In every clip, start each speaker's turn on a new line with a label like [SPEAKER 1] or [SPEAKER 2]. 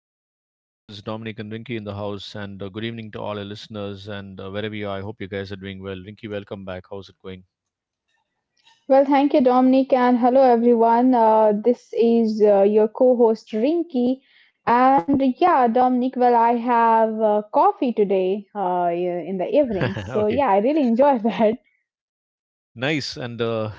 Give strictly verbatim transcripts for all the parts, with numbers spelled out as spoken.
[SPEAKER 1] show. This is Dominic and Rinky in the house, and uh, good evening to all our listeners and uh, wherever you are. I hope you guys are doing well. Rinky, welcome back. How's it going?
[SPEAKER 2] Well, thank you, Dominic, and hello, everyone. Uh, this is uh, your co host, Rinky. And yeah, Dominic, well, I have uh, coffee today uh, yeah, in the evening. So
[SPEAKER 1] Okay,
[SPEAKER 2] yeah, I really enjoy that.
[SPEAKER 1] nice. And uh,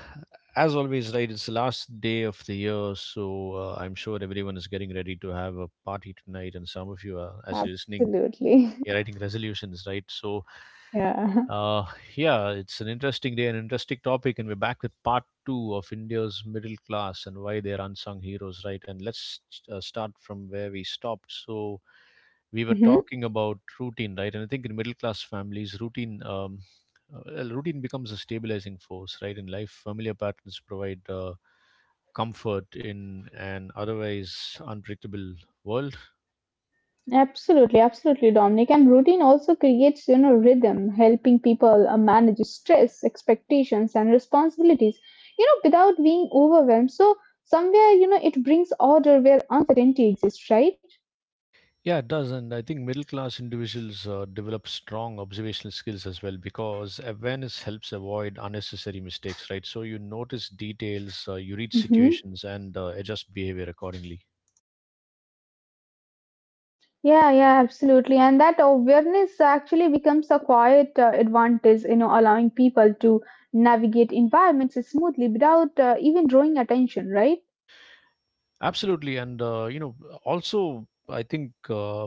[SPEAKER 1] as always, right, it's the last day of the year, so uh, I'm sure everyone is getting ready to have a party tonight, and some of you are, as you're listening,
[SPEAKER 2] Absolutely.
[SPEAKER 1] you're writing resolutions, right? So,
[SPEAKER 2] Yeah.
[SPEAKER 1] Uh, yeah, it's an interesting day, an interesting topic, and we're back with part two of India's middle class and why they're unsung heroes, right? And let's uh, start from where we stopped. So we were
[SPEAKER 2] Hmm.
[SPEAKER 1] talking about routine, right? And I think in middle class families, routine, um, uh, well, routine becomes a stabilizing force, right? In life, familiar patterns provide uh, comfort in an otherwise unpredictable world.
[SPEAKER 2] Absolutely. Absolutely, Dominic. And routine also creates, you know, rhythm, helping people uh, manage stress, expectations, and responsibilities, you know, without being overwhelmed. So somewhere, you know, it brings order where uncertainty exists, right?
[SPEAKER 1] Yeah, it does, and I think middle class individuals uh, develop strong observational skills as well because awareness helps avoid unnecessary mistakes, right? So you notice details, uh, you read
[SPEAKER 2] Hmm.
[SPEAKER 1] situations, and uh, adjust behavior accordingly.
[SPEAKER 2] Yeah, yeah, absolutely. And that awareness actually becomes a quiet uh, advantage, you know, allowing people to navigate environments smoothly without uh, even drawing attention, right?
[SPEAKER 1] Absolutely, and uh, you know, also I think uh,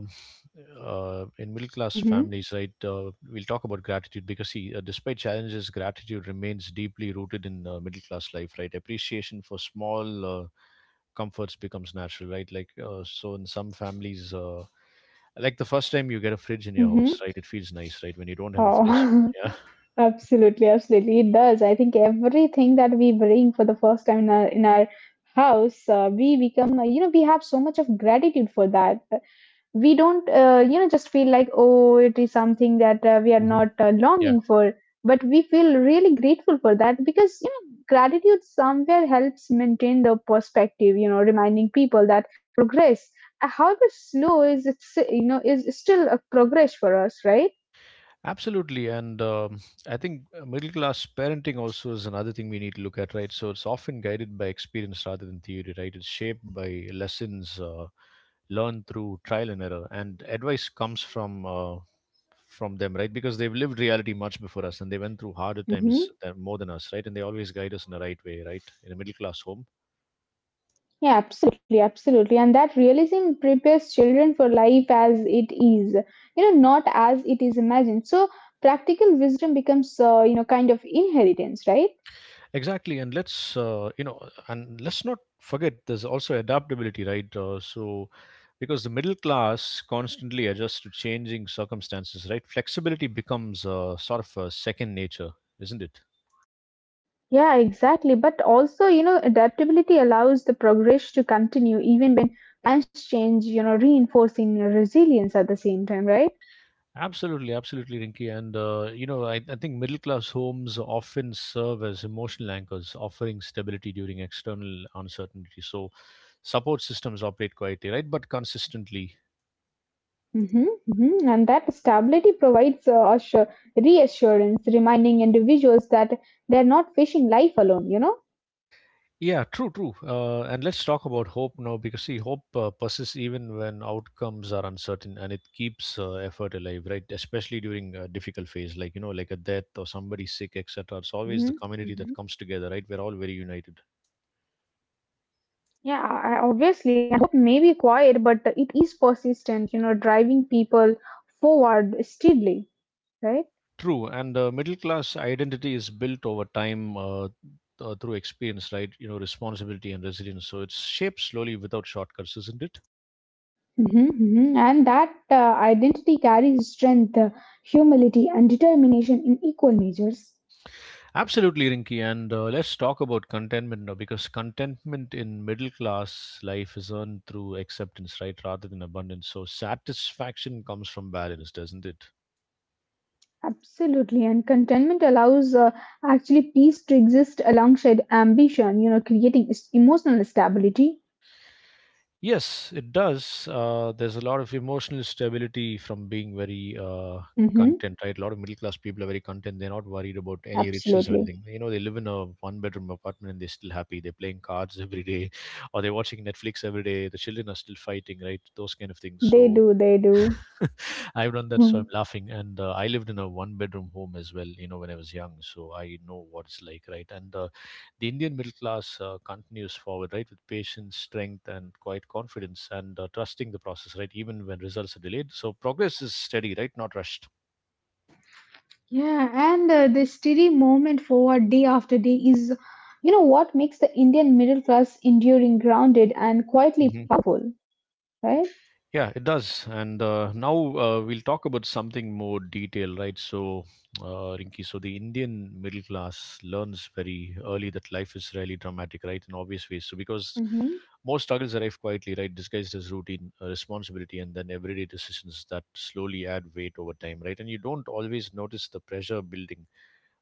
[SPEAKER 1] uh, in middle class
[SPEAKER 2] Mm-hmm.
[SPEAKER 1] families, right? Uh, we'll talk about gratitude because see, uh, despite challenges, gratitude remains deeply rooted in uh, middle class life, right? Appreciation for small Uh, comforts becomes natural, right? Like uh, so in some families uh, like the first time you get a fridge in your
[SPEAKER 2] Mm-hmm.
[SPEAKER 1] house, right, it feels nice, right, when you don't have a fridge.
[SPEAKER 2] Oh,
[SPEAKER 1] Yeah.
[SPEAKER 2] absolutely, absolutely. It does. I think everything that we bring for the first time in our in our house, uh, we become, uh, you know, we have so much of gratitude for that. We don't uh, you know just feel like oh it is something that uh, we are not
[SPEAKER 1] Mhm.
[SPEAKER 2] uh, longing
[SPEAKER 1] Yeah.
[SPEAKER 2] for, but we feel really grateful for that because you know gratitude somewhere helps maintain the perspective, you know, reminding people that progress, uh, however slow is it's you know is still a progress for us, right?
[SPEAKER 1] Absolutely, and um, I think uh, middle class parenting also is another thing we need to look at, right? So it's often guided by experience rather than theory, right? It's shaped by lessons, uh, learn through trial and error, and advice comes from uh, from them, right, because they've lived reality much before us, and they went through harder
[SPEAKER 2] Hmm.
[SPEAKER 1] times than, more than us, right, and they always guide us in the right way, right, in a middle class home.
[SPEAKER 2] Yeah, absolutely, absolutely. And that realism prepares children for life as it is, you know, not as it is imagined. So practical wisdom becomes, uh, you know, kind of inheritance, right?
[SPEAKER 1] Exactly, and let's uh, you know, and let's not forget there's also adaptability, right? Uh, so because the middle class constantly adjusts to changing circumstances, right, flexibility becomes uh, sort of a second nature, isn't it?
[SPEAKER 2] Yeah, exactly. But also, you know, adaptability allows the progress to continue even when plans change, you know, reinforcing your resilience at the same time, right?
[SPEAKER 1] Absolutely, absolutely, Rinky. And uh, you know, I, I think middle class homes often serve as emotional anchors, offering stability during external uncertainty. So support systems operate quietly, right? But consistently.
[SPEAKER 2] Hmm. Hmm. And that stability provides uh, us uh, reassurance, reminding individuals that they're not facing life alone, you know?
[SPEAKER 1] Yeah, true, true. Uh, and let's talk about hope now because, see, hope uh, persists even when outcomes are uncertain, and it keeps uh, effort alive, right? Especially during a difficult phase, like, you know, like a death or somebody sick, et cetera. It's always the
[SPEAKER 2] Hmm.
[SPEAKER 1] community
[SPEAKER 2] Hmm.
[SPEAKER 1] that comes together, right? We're all very united.
[SPEAKER 2] Yeah, I- obviously, and hope may be quiet, but it is persistent, you know, driving people forward steadily, right?
[SPEAKER 1] True, and uh, middle class identity is built over time uh, uh, through experience, right? You know, responsibility and resilience. So it's shaped slowly without shortcuts, isn't it?
[SPEAKER 2] Mhm, mhm. And that uh, identity carries strength, uh, humility, and determination in equal measures.
[SPEAKER 1] Absolutely, Rinky. And uh, let's talk about contentment now, because contentment in middle class life is earned through acceptance, right, rather than abundance. So satisfaction comes from balance, doesn't it?
[SPEAKER 2] Absolutely. And contentment allows uh, actually peace to exist alongside ambition, you know, creating is- emotional stability.
[SPEAKER 1] Yes, it does. Uh, there's a lot of emotional stability from being very uh,
[SPEAKER 2] Hmm.
[SPEAKER 1] content, right? A lot of middle class people are very content. They're not worried about any riches or
[SPEAKER 2] Absolutely.
[SPEAKER 1] anything. You know, they live in a one bedroom apartment and they're still happy. They're playing cards every day, or they're watching Netflix every day. The children are still fighting, right? Those kind of things. So
[SPEAKER 2] They do, they do.
[SPEAKER 1] I've done that, so I'm
[SPEAKER 2] Hmm.
[SPEAKER 1] laughing. And uh, I lived in a one bedroom home as well, you know, when I was young, so I know what it's like, right? And uh, the Indian middle class uh, continues forward, right, with patience, strength, and quite confidence, and uh, trusting the process, right, even when results are delayed. So progress is steady, right, not rushed.
[SPEAKER 2] Yeah, and uh, the steady movement forward day after day is, you know, what makes the Indian middle class enduring, grounded, and quietly powerful, right?
[SPEAKER 1] Yeah, it does. And uh, now uh, we'll talk about something more detail, right? So, uh, Rinki, so the Indian middle class learns very early that life is rarely dramatic, right? In obvious ways. So, because
[SPEAKER 2] Hmm.
[SPEAKER 1] most struggles arrive quietly, right? Disguised as routine, uh, responsibility, and then everyday decisions that slowly add weight over time, right? And you don't always notice the pressure building,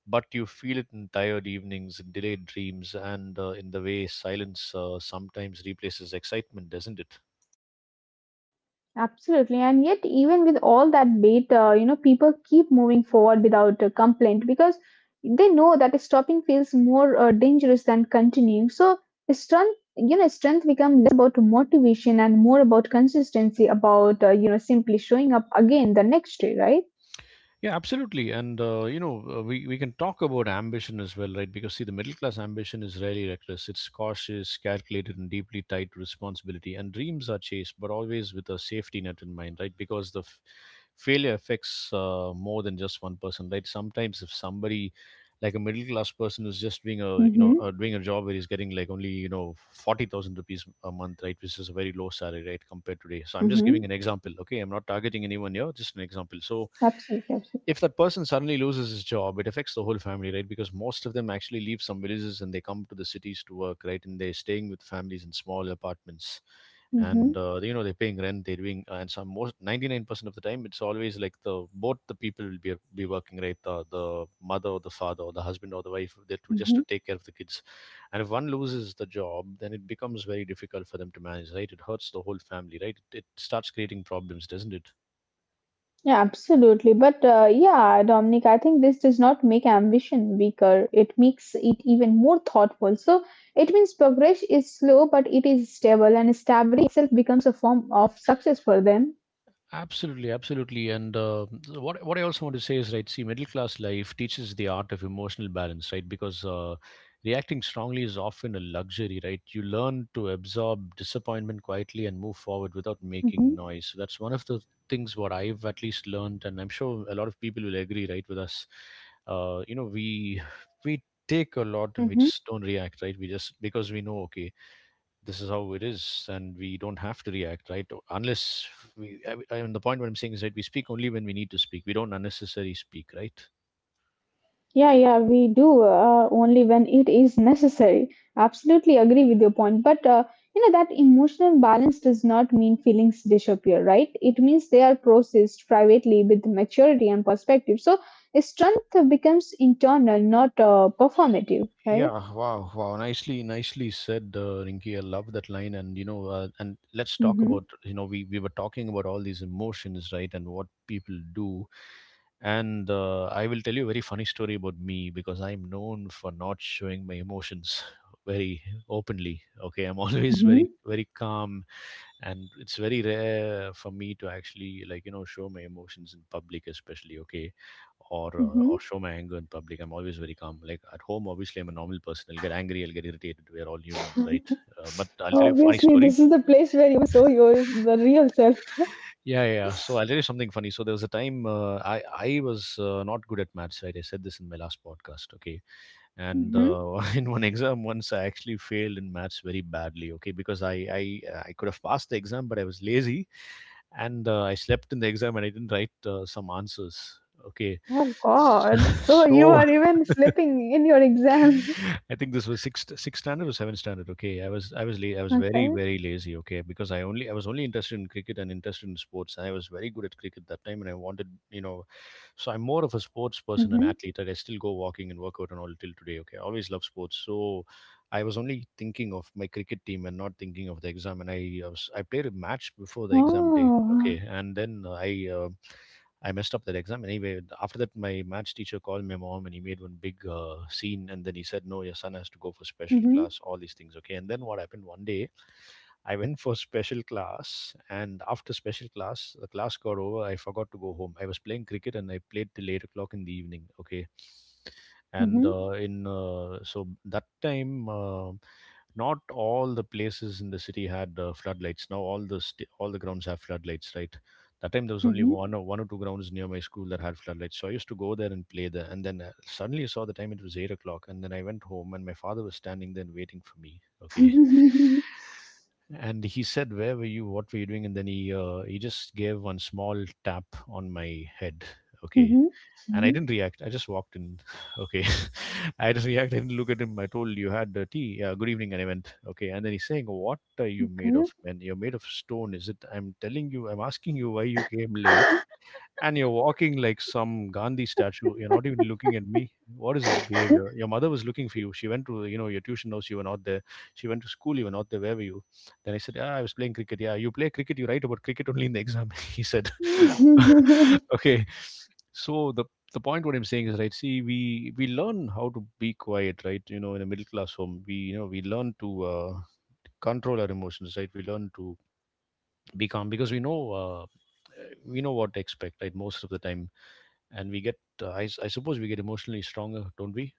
[SPEAKER 1] but you feel it in tired evenings, in delayed dreams, and uh, in the way silence uh, sometimes replaces excitement, doesn't it?
[SPEAKER 2] Absolutely. And yet, even with all that bait, uh, you know, people keep moving forward without a complaint because they know that stopping feels more uh, dangerous than continuing. So, strength, you know, strength becomes less about motivation and more about consistency, about, uh, you know, simply showing up again the next day, right?
[SPEAKER 1] Yeah, absolutely. And uh, you know, uh, we, we can talk about ambition as well, right? Because, see, the middle class ambition is rarely reckless. It's cautious, calculated, and deeply tied to responsibility. And dreams are chased, but always with a safety net in mind, right? Because the f- failure affects uh, more than just one person, right? Sometimes, if somebody like a middle class person is just doing a, you know, uh,
[SPEAKER 2] Mm-hmm.
[SPEAKER 1] doing a job where he's getting like only, you know, forty thousand rupees a month, right, which is a very low salary, right, compared today, so I'm just giving an
[SPEAKER 2] Mm-hmm.
[SPEAKER 1] example. Okay, I'm not targeting anyone here, just an example. So
[SPEAKER 2] Absolutely. Absolutely.
[SPEAKER 1] if that person suddenly loses his job, it affects the whole family, right? Because most of them actually leave some villages and they come to the cities to work, right? And they're staying with families in small apartments, and
[SPEAKER 2] Hmm.
[SPEAKER 1] uh, you know, they're paying rent, they're doing, uh, and some most ninety nine percent of the time, it's always like the both the people will be be working, right? The the mother or the father or the husband or the wife, that to just to
[SPEAKER 2] Hmm.
[SPEAKER 1] take care of the kids, and if one loses the job, then it becomes very difficult for them to manage, right? It hurts the whole family, right? It, it starts creating problems, doesn't it?
[SPEAKER 2] Yeah, absolutely. But uh, yeah, Dominic, I think this does not make ambition weaker. It makes it even more thoughtful. So it means progress is slow, but it is stable, and stability itself becomes a form of success for them.
[SPEAKER 1] Absolutely, absolutely. And uh, what what I also want to say is right. See, middle class life teaches the art of emotional balance, right? Because uh, reacting strongly is often a luxury, right? You learn to absorb disappointment quietly and move forward without making
[SPEAKER 2] Hmm.
[SPEAKER 1] noise. So that's one of the things what I've at least learned, and I'm sure a lot of people will agree, right, with us. Uh, you know, we we take a lot and we
[SPEAKER 2] Hmm.
[SPEAKER 1] just don't react, right? We just because we know, okay, this is how it is and we don't have to react, right, unless we i, I mean the point what I'm saying is that we speak only when we need to speak, we don't unnecessarily speak, right?
[SPEAKER 2] Yeah, yeah, we do uh, only when it is necessary. Absolutely agree with your point. But uh, you know that emotional balance does not mean feelings disappear, right? It means they are processed privately with maturity and perspective. So strength becomes internal, not uh, performative, right?
[SPEAKER 1] Yeah, wow, wow, nicely nicely said, uh, Rinki, I love that line. And you know, uh, and let's talk about,
[SPEAKER 2] Mm-hmm,
[SPEAKER 1] you know, we we were talking about all these emotions, right, and what people do. And uh, I will tell you a very funny story about me because I'm known for not showing my emotions very openly. Okay, I'm always very,
[SPEAKER 2] mm-hmm,
[SPEAKER 1] very calm, and it's very rare for me to actually, like, you know, show my emotions in public, especially, okay, or uh, or
[SPEAKER 2] mm-hmm.
[SPEAKER 1] show my anger in public. I'm always very calm. Like at home, obviously, I'm a normal person. I'll get angry, I'll get irritated. We're all humans, right? Uh, but I'll tell you a funny
[SPEAKER 2] Obviously,
[SPEAKER 1] story.
[SPEAKER 2] this is the place where you show your the real self.
[SPEAKER 1] Yeah, yeah. So I'll tell you something funny. So there was a time uh, I I was uh, not good at maths, right? I said this in my last podcast, okay? And
[SPEAKER 2] Hmm.
[SPEAKER 1] uh, in one exam once, I actually failed in maths very badly, okay? Because I I I could have passed the exam, but I was lazy, and uh, I slept in the exam and I didn't write uh, some answers, okay?
[SPEAKER 2] Oh God! So you
[SPEAKER 1] So
[SPEAKER 2] are even slipping in your exam.
[SPEAKER 1] I think this was sixth sixth standard or seventh standard. Okay, I was I was la- I was very very lazy. Okay, because I only I was only interested in cricket and interested in sports, and I was very good at cricket that time, and I wanted, you know, so I'm more of a sports person and
[SPEAKER 2] Okay.
[SPEAKER 1] athlete. And I still go walking and work out and all till today. Okay, I always love sports, so I was only thinking of my cricket team and not thinking of the exam. And I, I was I played a match before the exam day. Okay,
[SPEAKER 2] Oh.
[SPEAKER 1] and then I. Uh, I messed up that exam. Anyway, after that, my maths teacher called my mom and he made one big uh, scene. And then he said, "No, your son has to go for special
[SPEAKER 2] Mhm.
[SPEAKER 1] class," all these things. Okay. And then what happened one day, I went for special class. And after special class, the class got over. I forgot to go home. I was playing cricket and I played till eight o'clock in the evening. Okay. And
[SPEAKER 2] Mhm.
[SPEAKER 1] uh, in, uh, so that time, uh, not all the places in the city had uh, floodlights. Now all the st- all the grounds have floodlights, right? That time there was only
[SPEAKER 2] Mhm.
[SPEAKER 1] one or one or two grounds near my school that had floodlights, so I used to go there and play there. And then uh, suddenly I saw the time; it was eight o'clock, and then I went home, and my father was standing there and waiting for me. Okay, and he said, "Where were you? What were you doing?" And then he uh, he just gave one small tap on my head. Okay,
[SPEAKER 2] Mhm.
[SPEAKER 1] and I
[SPEAKER 2] Mhm.
[SPEAKER 1] didn't react. I just walked in. Okay, I didn't react. I didn't look at him. I told you had uh, tea. Yeah, good evening, and I went. Okay, and then he's saying, "What are you made of,
[SPEAKER 2] Okay.
[SPEAKER 1] man? You're made of stone, is it? I'm telling you. I'm asking you why you came late and you're walking like some Gandhi statue. You're not even looking at me. What is this behavior? Your mother was looking for you. She went to, you know, your tuition house. You were not there. She went to school. You were not there. Where were you?" Then I said, yeah, I was playing cricket. "Yeah, you play cricket. You write about cricket only in the exam." He said, okay. So the the point what I'm saying is right. See, we we learn how to be quiet, right? You know, in a middle class home, we you know we learn to. Uh, control our emotions, right? We learn to be calm because we know, uh, we know what to expect, right, most of the time, and we get uh, I, s- I suppose we get emotionally stronger, don't we?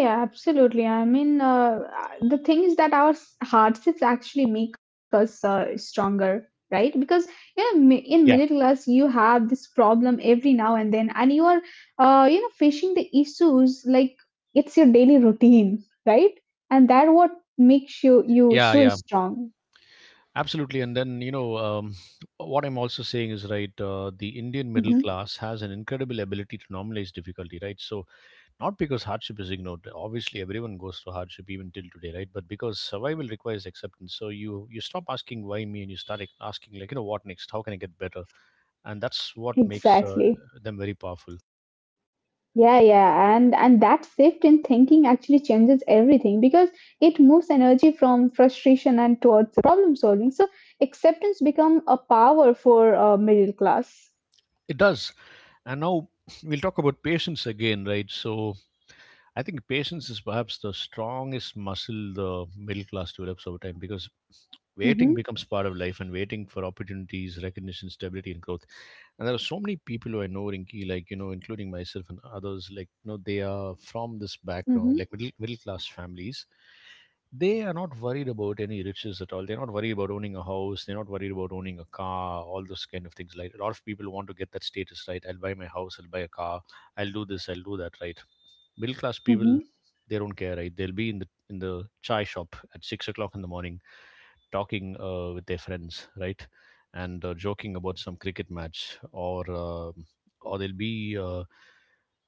[SPEAKER 2] Yeah, yeah, absolutely. I mean, uh, the thing is that our s- hardships actually make us uh, stronger, right? Because you know, mi- in
[SPEAKER 1] Yeah,
[SPEAKER 2] middle class, you have this problem every now and then, and you are, uh, you know, facing the issues like it's your daily routine, right? And that what makes you
[SPEAKER 1] yeah,
[SPEAKER 2] you
[SPEAKER 1] yeah,
[SPEAKER 2] so strong.
[SPEAKER 1] absolutely. And then, you know, um, what I'm also saying is right, uh, the Indian middle
[SPEAKER 2] Hmm.
[SPEAKER 1] class has an incredible ability to normalize difficulty, right? So not because hardship is ignored, obviously everyone goes through hardship even till today, right, but because survival requires acceptance. So you you stop asking why me, and you start asking, like, you know, what next? How can I get better? And that's what makes, uh,
[SPEAKER 2] Exactly.
[SPEAKER 1] them very powerful.
[SPEAKER 2] Yeah, yeah, and and that shift in thinking actually changes everything because it moves energy from frustration and towards problem solving. So acceptance become a power for uh, middle class.
[SPEAKER 1] It does. And now we'll talk about patience again, right? So I think patience is perhaps the strongest muscle the middle class develops over time, because
[SPEAKER 2] Mm-hmm,
[SPEAKER 1] waiting becomes part of life, and waiting for opportunities, recognition, stability, and growth. And there are so many people who I know, Rinki, like, you know, including myself and others, like, you know, they are from this background,
[SPEAKER 2] mm-hmm,
[SPEAKER 1] like middle, middle class families. They are not worried about any riches at all. They're not worried about owning a house. They're not worried about owning a car, all those kind of things. Like, a lot of people want to get that status, right? I'll buy my house, I'll buy a car, I'll do this, I'll do that, right? Middle class people,
[SPEAKER 2] mm-hmm,
[SPEAKER 1] they don't care, right? They'll be in the in the chai shop at six o'clock in the morning, talking uh, with their friends, right? And uh, joking about some cricket match, or uh, or they'll be uh,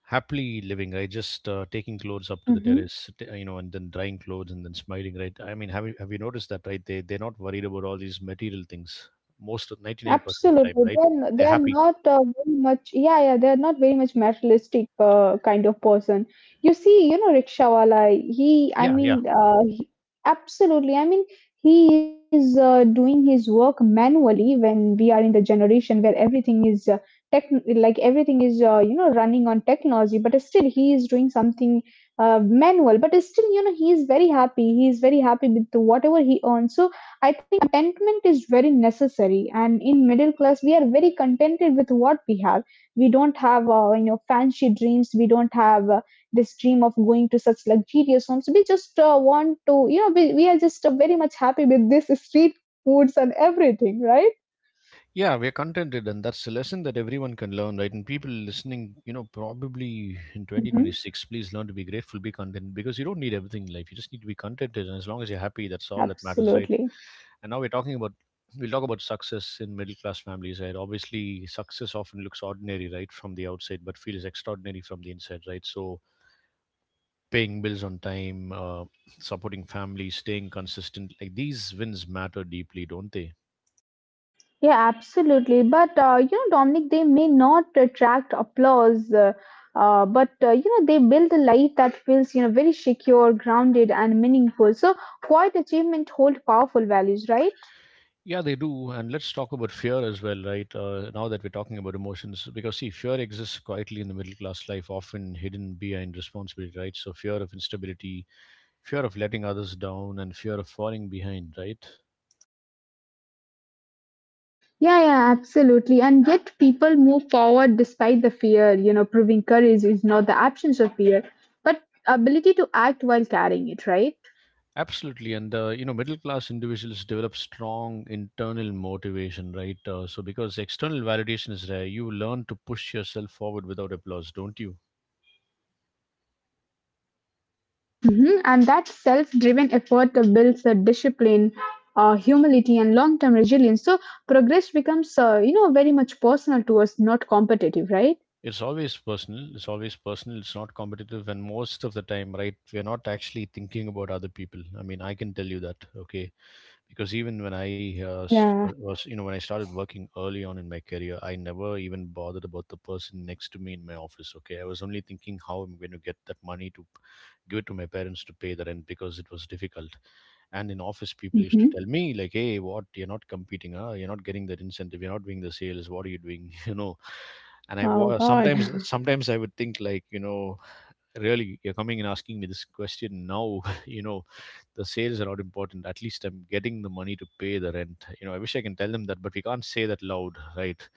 [SPEAKER 1] happily living, right, just uh, taking clothes up to the
[SPEAKER 2] mm-hmm.
[SPEAKER 1] terrace, t- you know, and then drying clothes and then smiling, right? I mean, have you have you noticed that, right? They they're not worried about all these material things most ninety-nine percent of the time,
[SPEAKER 2] Absolutely,
[SPEAKER 1] right?
[SPEAKER 2] they are they
[SPEAKER 1] They're
[SPEAKER 2] are
[SPEAKER 1] happy.
[SPEAKER 2] not uh, very much. Yeah, yeah, they are not very much materialistic uh, kind of person. You see, you know, rickshawala. He, I
[SPEAKER 1] Yeah, yeah.
[SPEAKER 2] mean, uh, he- absolutely. I mean, he is uh, doing his work manually when we are in the generation where everything is uh, tech, like everything is uh, you know running on technology. But still, he is doing something uh, manual. But still, you know, he is very happy. He is very happy with whatever he earns. So. I think contentment is very necessary and in middle class we are very contented with what we have. We don't have uh, you know fancy dreams. We don't have uh, this dream of going to such luxurious homes. We just uh, want to you know we, we are just uh, very much happy with this street foods and everything, right?
[SPEAKER 1] Yeah, we're contented, and that's a lesson that everyone can learn, right? And people listening, you know, probably in
[SPEAKER 2] Hmm.
[SPEAKER 1] twenty twenty-six, please learn to be grateful, be content, because you don't need everything in life. You just need to be contented, and as long as you're happy, that's all that matters, right?
[SPEAKER 2] Absolutely.
[SPEAKER 1] And now we're talking about We'll talk about success in middle class families, right? Obviously, success often looks ordinary, right, from the outside, but feels extraordinary from the inside, right? So paying bills on time, uh, supporting family, staying consistent, like these wins matter deeply, don't they?
[SPEAKER 2] Yeah, absolutely. But uh, you know, Dominic, they may not attract applause, uh, uh, but uh, you know, they build a life that feels you know very secure, grounded, and meaningful. So, quiet achievement hold powerful values, right?
[SPEAKER 1] Yeah, they do. And let's talk about fear as well, right? Uh, now that we're talking about emotions, because see, fear exists quietly in the middle class life, often hidden behind responsibility, right? So fear of instability, fear of letting others down, and fear of falling behind, right?
[SPEAKER 2] Yeah, yeah, absolutely. And yet, people move forward despite the fear. You know, proving courage is not the absence of fear, but ability to act while carrying it, right?
[SPEAKER 1] Absolutely. And uh, you know, middle class individuals develop strong internal motivation, right? Uh, so because external validation is rare, you learn to push yourself forward without applause, don't you?
[SPEAKER 2] Mhm. And that self driven effort builds a discipline, uh, humility, and long term resilience. So, progress becomes, uh, you know, very much personal to us, not competitive, right?
[SPEAKER 1] It's always personal. It's always personal. It's not competitive. And most of the time, right, we're not actually thinking about other people. I mean, I can tell you that. Okay, because even when I uh, s- uh,
[SPEAKER 2] Yeah.
[SPEAKER 1] was, you know, when I started working early on in my career, I never even bothered about the person next to me in my office. Okay, I was only thinking how I'm going to get that money to p- give it to my parents to pay the rent, because it was difficult. And in office, people used to
[SPEAKER 2] Hmm.
[SPEAKER 1] tell me, like, "Hey, what? You're not competing, huh? You're not getting that incentive. You're not doing the sales. What are you doing?" You know. And I
[SPEAKER 2] Oh
[SPEAKER 1] was
[SPEAKER 2] God.
[SPEAKER 1] sometimes, sometimes I would think, like, you know, really, you're coming and asking me this question now, you know, the sales are not important. At least I'm getting the money to pay the rent. You know, I wish I can tell them that, but we can't say that loud, right,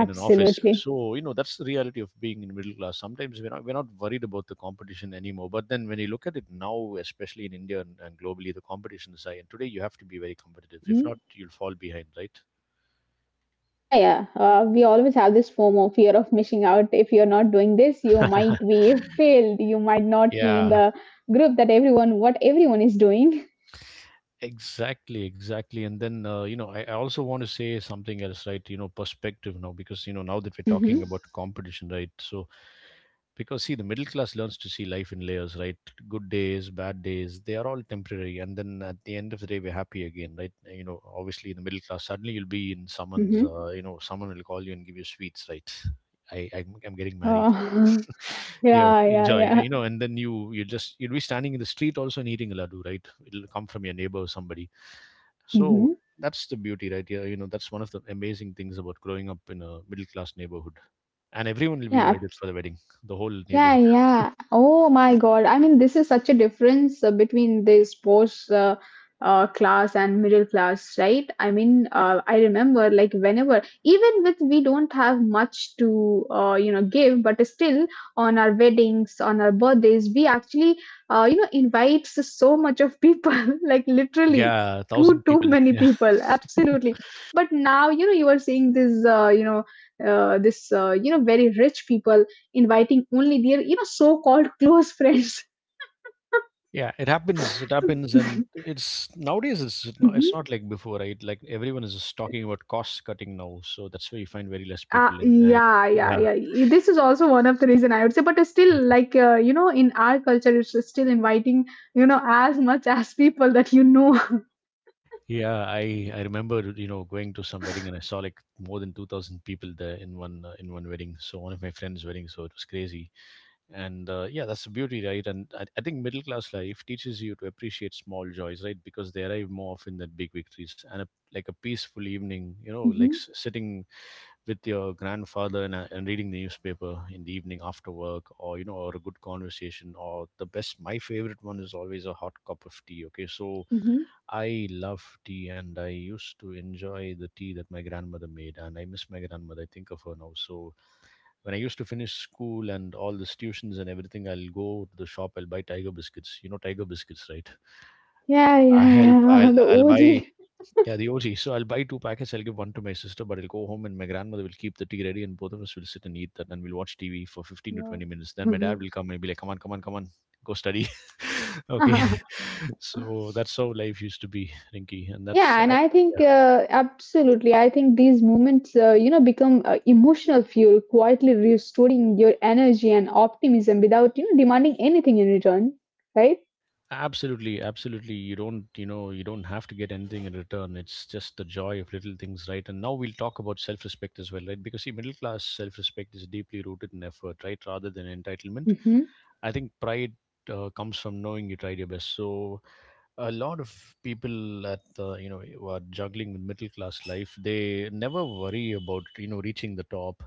[SPEAKER 1] in an office. So, you know, that's the reality of being in middle class. Sometimes we're not, we're not worried about the competition anymore. But then when you look at it now, especially in India, and, and globally, the competition is high, and today you have to be very competitive. If
[SPEAKER 2] Hmm.
[SPEAKER 1] not, you'll fall behind, right?
[SPEAKER 2] Yeah, yeah. Uh, we always have this form of fear of missing out. If you're not doing this, you might be failed. You might not be in
[SPEAKER 1] Yeah,
[SPEAKER 2] the group that everyone, what everyone is doing.
[SPEAKER 1] exactly, exactly. And then, uh, you know, I, I also want to say something else, right? You know, perspective now, because, you know, now that we're talking
[SPEAKER 2] Hmm.
[SPEAKER 1] about competition, right? So because see, the middle class learns to see life in layers, right? Good days, bad days, they are all temporary, and then at the end of the day, we're happy again, right? You know, obviously in the middle class, suddenly you'll be in someone's,
[SPEAKER 2] Hmm.
[SPEAKER 1] uh, you know, someone will call you and give you sweets, right? I, I'm, I'm getting married.
[SPEAKER 2] Oh,
[SPEAKER 1] Yeah,
[SPEAKER 2] yeah, yeah,
[SPEAKER 1] enjoy.
[SPEAKER 2] yeah.
[SPEAKER 1] You know, and then you you just you'll be standing in the street also and eating a laddu, right? It'll come from your neighbor or somebody. So
[SPEAKER 2] Hmm.
[SPEAKER 1] that's the beauty, right? Yeah, you know, that's one of the amazing things about growing up in a middle class neighborhood. And everyone will be
[SPEAKER 2] Yeah,
[SPEAKER 1] invited for the wedding. The whole
[SPEAKER 2] Yeah,
[SPEAKER 1] neighborhood.
[SPEAKER 2] yeah. Oh my God. I mean, this is such a difference uh, between this sports uh, uh, class and middle class, right? I mean, uh, I remember like whenever, even with we don't have much to uh, you know give, but still on our weddings, on our birthdays, we actually uh, you know invites so much of people, like literally
[SPEAKER 1] Yeah,
[SPEAKER 2] too
[SPEAKER 1] one thousand
[SPEAKER 2] too
[SPEAKER 1] people.
[SPEAKER 2] many
[SPEAKER 1] Yeah.
[SPEAKER 2] people. Absolutely. But now you know you are seeing this uh, you know uh, this uh, you know very rich people inviting only their you know so-called close friends.
[SPEAKER 1] Yeah, it happens. It happens, and it's nowadays it's not, it's
[SPEAKER 2] Mhm.
[SPEAKER 1] not like before, right? Like everyone is just talking about cost cutting now, so that's where you find very less
[SPEAKER 2] Uh,
[SPEAKER 1] people in, and it,
[SPEAKER 2] yeah, yeah,
[SPEAKER 1] yeah,
[SPEAKER 2] yeah. I- This is also one of the reason I would say, but still, like uh, you know, in our culture, it's still inviting you know as much as people that you know.
[SPEAKER 1] yeah. I I remember, you know, going to some wedding, and I saw like more than two thousand people there in one uh, in one wedding. So one of my friends' wedding, so it was crazy. And uh, yeah, that's the beauty, right? And I, I think middle class life teaches you to appreciate small joys, right? Because they arrive more often than big victories, and a, like a peaceful evening, you know, like
[SPEAKER 2] Hmm.
[SPEAKER 1] s- sitting with your grandfather and, uh, and reading the newspaper in the evening after work, or, you know, or a good conversation, or the best, my favorite one is always a hot cup of tea. Okay, so
[SPEAKER 2] Hmm.
[SPEAKER 1] I love tea, and I used to enjoy the tea that my grandmother made. And I miss my grandmother, I think of her now. So when I used to finish school and all the tuitions and everything, I'll go to the shop. I'll buy Tiger biscuits. You know Tiger biscuits, right?
[SPEAKER 2] Yeah,
[SPEAKER 1] I
[SPEAKER 2] yeah,
[SPEAKER 1] help. I'll
[SPEAKER 2] yeah. The
[SPEAKER 1] I'll buy.
[SPEAKER 2] O G.
[SPEAKER 1] Yeah, the O G. So I'll buy two packets. I'll give one to my sister, but I'll go home and my grandmother will keep the tea ready, and both of us will sit and eat that, and we'll watch T V for fifteen to
[SPEAKER 2] Yeah.
[SPEAKER 1] twenty minutes. Then my dad will come and be like, come on, come on, come on, go study. Okay. So that's how life used to be, Rinky. And that's
[SPEAKER 2] Yeah, and
[SPEAKER 1] I,
[SPEAKER 2] I think uh, absolutely. I think these moments, uh, you know, become uh, emotional fuel, quietly restoring your energy and optimism without, you know, demanding anything in return, right?
[SPEAKER 1] absolutely, absolutely. You don't, you know, you don't have to get anything in return. It's just the joy of little things, right? And now we'll talk about self respect as well, right? Because see, middle class self respect is deeply rooted in effort, right? Rather than entitlement.
[SPEAKER 2] Mm-hmm.
[SPEAKER 1] I think pride, uh, comes from knowing you tried your best. So a lot of people at the you know who are juggling with middle class life, they never worry about you know reaching the top,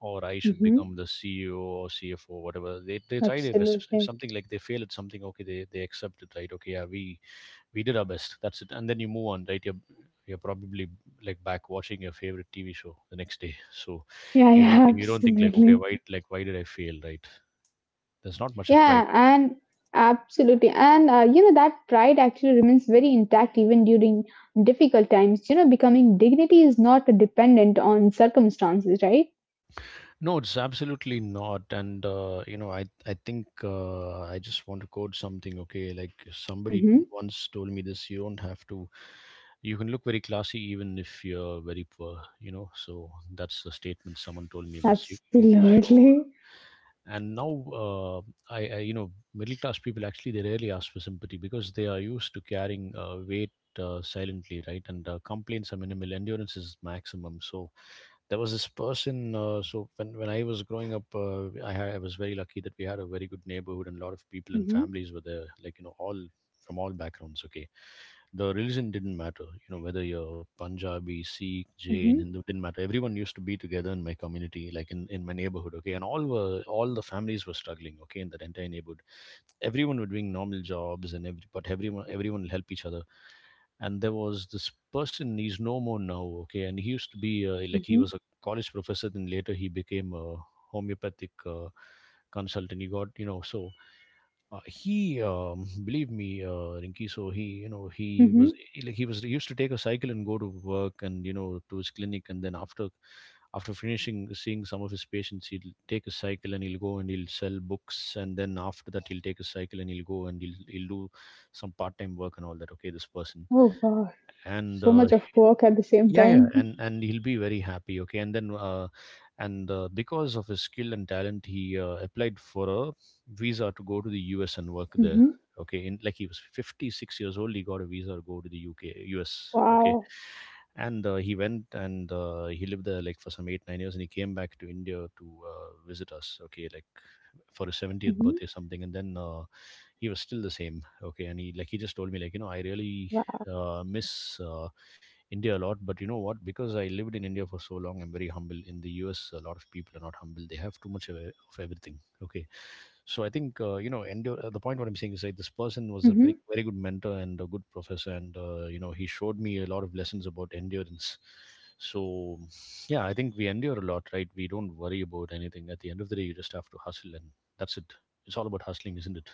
[SPEAKER 1] or I should
[SPEAKER 2] Mm-hmm.
[SPEAKER 1] become the C E O or C F O, whatever. They they try their best. If if
[SPEAKER 2] Absolutely.
[SPEAKER 1] something, like, they fail at something, okay, they they accept it, right? Okay, yeah, we we did our best. That's it, and then you move on, right? You're you're probably like back watching your favorite T V show the next day, so
[SPEAKER 2] Yeah,
[SPEAKER 1] you don't
[SPEAKER 2] yeah,
[SPEAKER 1] you don't think, like, okay,
[SPEAKER 2] absolutely.
[SPEAKER 1] why, like, why did I fail, right? There's not much of pride.
[SPEAKER 2] Yeah, and absolutely. And uh, you know, that pride actually remains very intact even during difficult times. You know, becoming dignity is not dependent on circumstances, right?
[SPEAKER 1] No, it's absolutely not. And uh, you know, I I think, uh, I just want to quote something. Okay, like somebody
[SPEAKER 2] Mm-hmm.
[SPEAKER 1] once told me this: you don't have to. You can look very classy even if you're very poor. You know, so that's a statement someone told me once. You, you So,
[SPEAKER 2] Absolutely.
[SPEAKER 1] and now, uh, I, I you know middle class people actually, they rarely ask for sympathy because they are used to carrying uh, weight uh, silently, right? And uh, complaints are minimal, endurance is maximum. So there was this person, uh, so when, when I was growing up, uh, I, had, I was very lucky that we had a very good neighborhood and a lot of people and
[SPEAKER 2] Mm-hmm.
[SPEAKER 1] families were there, like, you know, all from all backgrounds. Okay, the religion didn't matter, you know, whether you're Punjabi, Sikh, Jain,
[SPEAKER 2] Mm-hmm.
[SPEAKER 1] Hindu, didn't matter. Everyone used to be together in my community, like in, in my neighborhood. Okay, and all were all the families were struggling, okay, in that entire neighborhood. Everyone were doing normal jobs, and every but everyone everyone will help each other. And there was this person, he's no more now. Okay, and he used to be, uh, like, he
[SPEAKER 2] Mm-hmm.
[SPEAKER 1] was college professor. Then later he became a homeopathic uh, consultant. He got, you know. So, uh, he um, believe me, uh, Rinki. So he, you know, he
[SPEAKER 2] Mm-hmm.
[SPEAKER 1] was, like he was, he used to take a cycle and go to work, and, you know, to his clinic. And then after after finishing seeing some of his patients, he'll take a cycle and he'll go and he'll sell books. And then after that, he'll take a cycle and he'll go and he'll, he'll do some part-time work and all that. Okay, this person.
[SPEAKER 2] Oh, wow.
[SPEAKER 1] And
[SPEAKER 2] So
[SPEAKER 1] uh,
[SPEAKER 2] much of work at the same
[SPEAKER 1] yeah, yeah,
[SPEAKER 2] time.
[SPEAKER 1] and and he'll be very happy. Okay, and then uh, and uh, because of his skill and talent, he uh, applied for a visa to go to the U S and work there.
[SPEAKER 2] Mm-hmm.
[SPEAKER 1] Okay, in, like, he was fifty-six years old, he got a visa to go to the U K U S. Okay,
[SPEAKER 2] Wow.
[SPEAKER 1] and uh, he went, and uh, he lived there, like for some eight nine years, and he came back to India to uh, visit us. Okay, like for his seventieth
[SPEAKER 2] Mm-hmm.
[SPEAKER 1] birthday, something. And then uh, he was still the same. Okay, and he, like, he just told me, like, you know I really
[SPEAKER 2] Wow.
[SPEAKER 1] uh, miss uh, India a lot. But you know what, because I lived in India for so long, I'm very humble. In the U S, a lot of people are not humble. They have too much of, e- of everything. Okay, so I think, uh, you know and the uh, the point what I'm saying is that this person was a very,
[SPEAKER 2] Mm-hmm.
[SPEAKER 1] very good mentor and a good professor. And uh, you know, he showed me a lot of lessons about endurance. So, yeah, I think we endure a lot, right? We don't worry about anything. At the end of the day, you just have to hustle, and that's it. It's all about hustling, isn't it?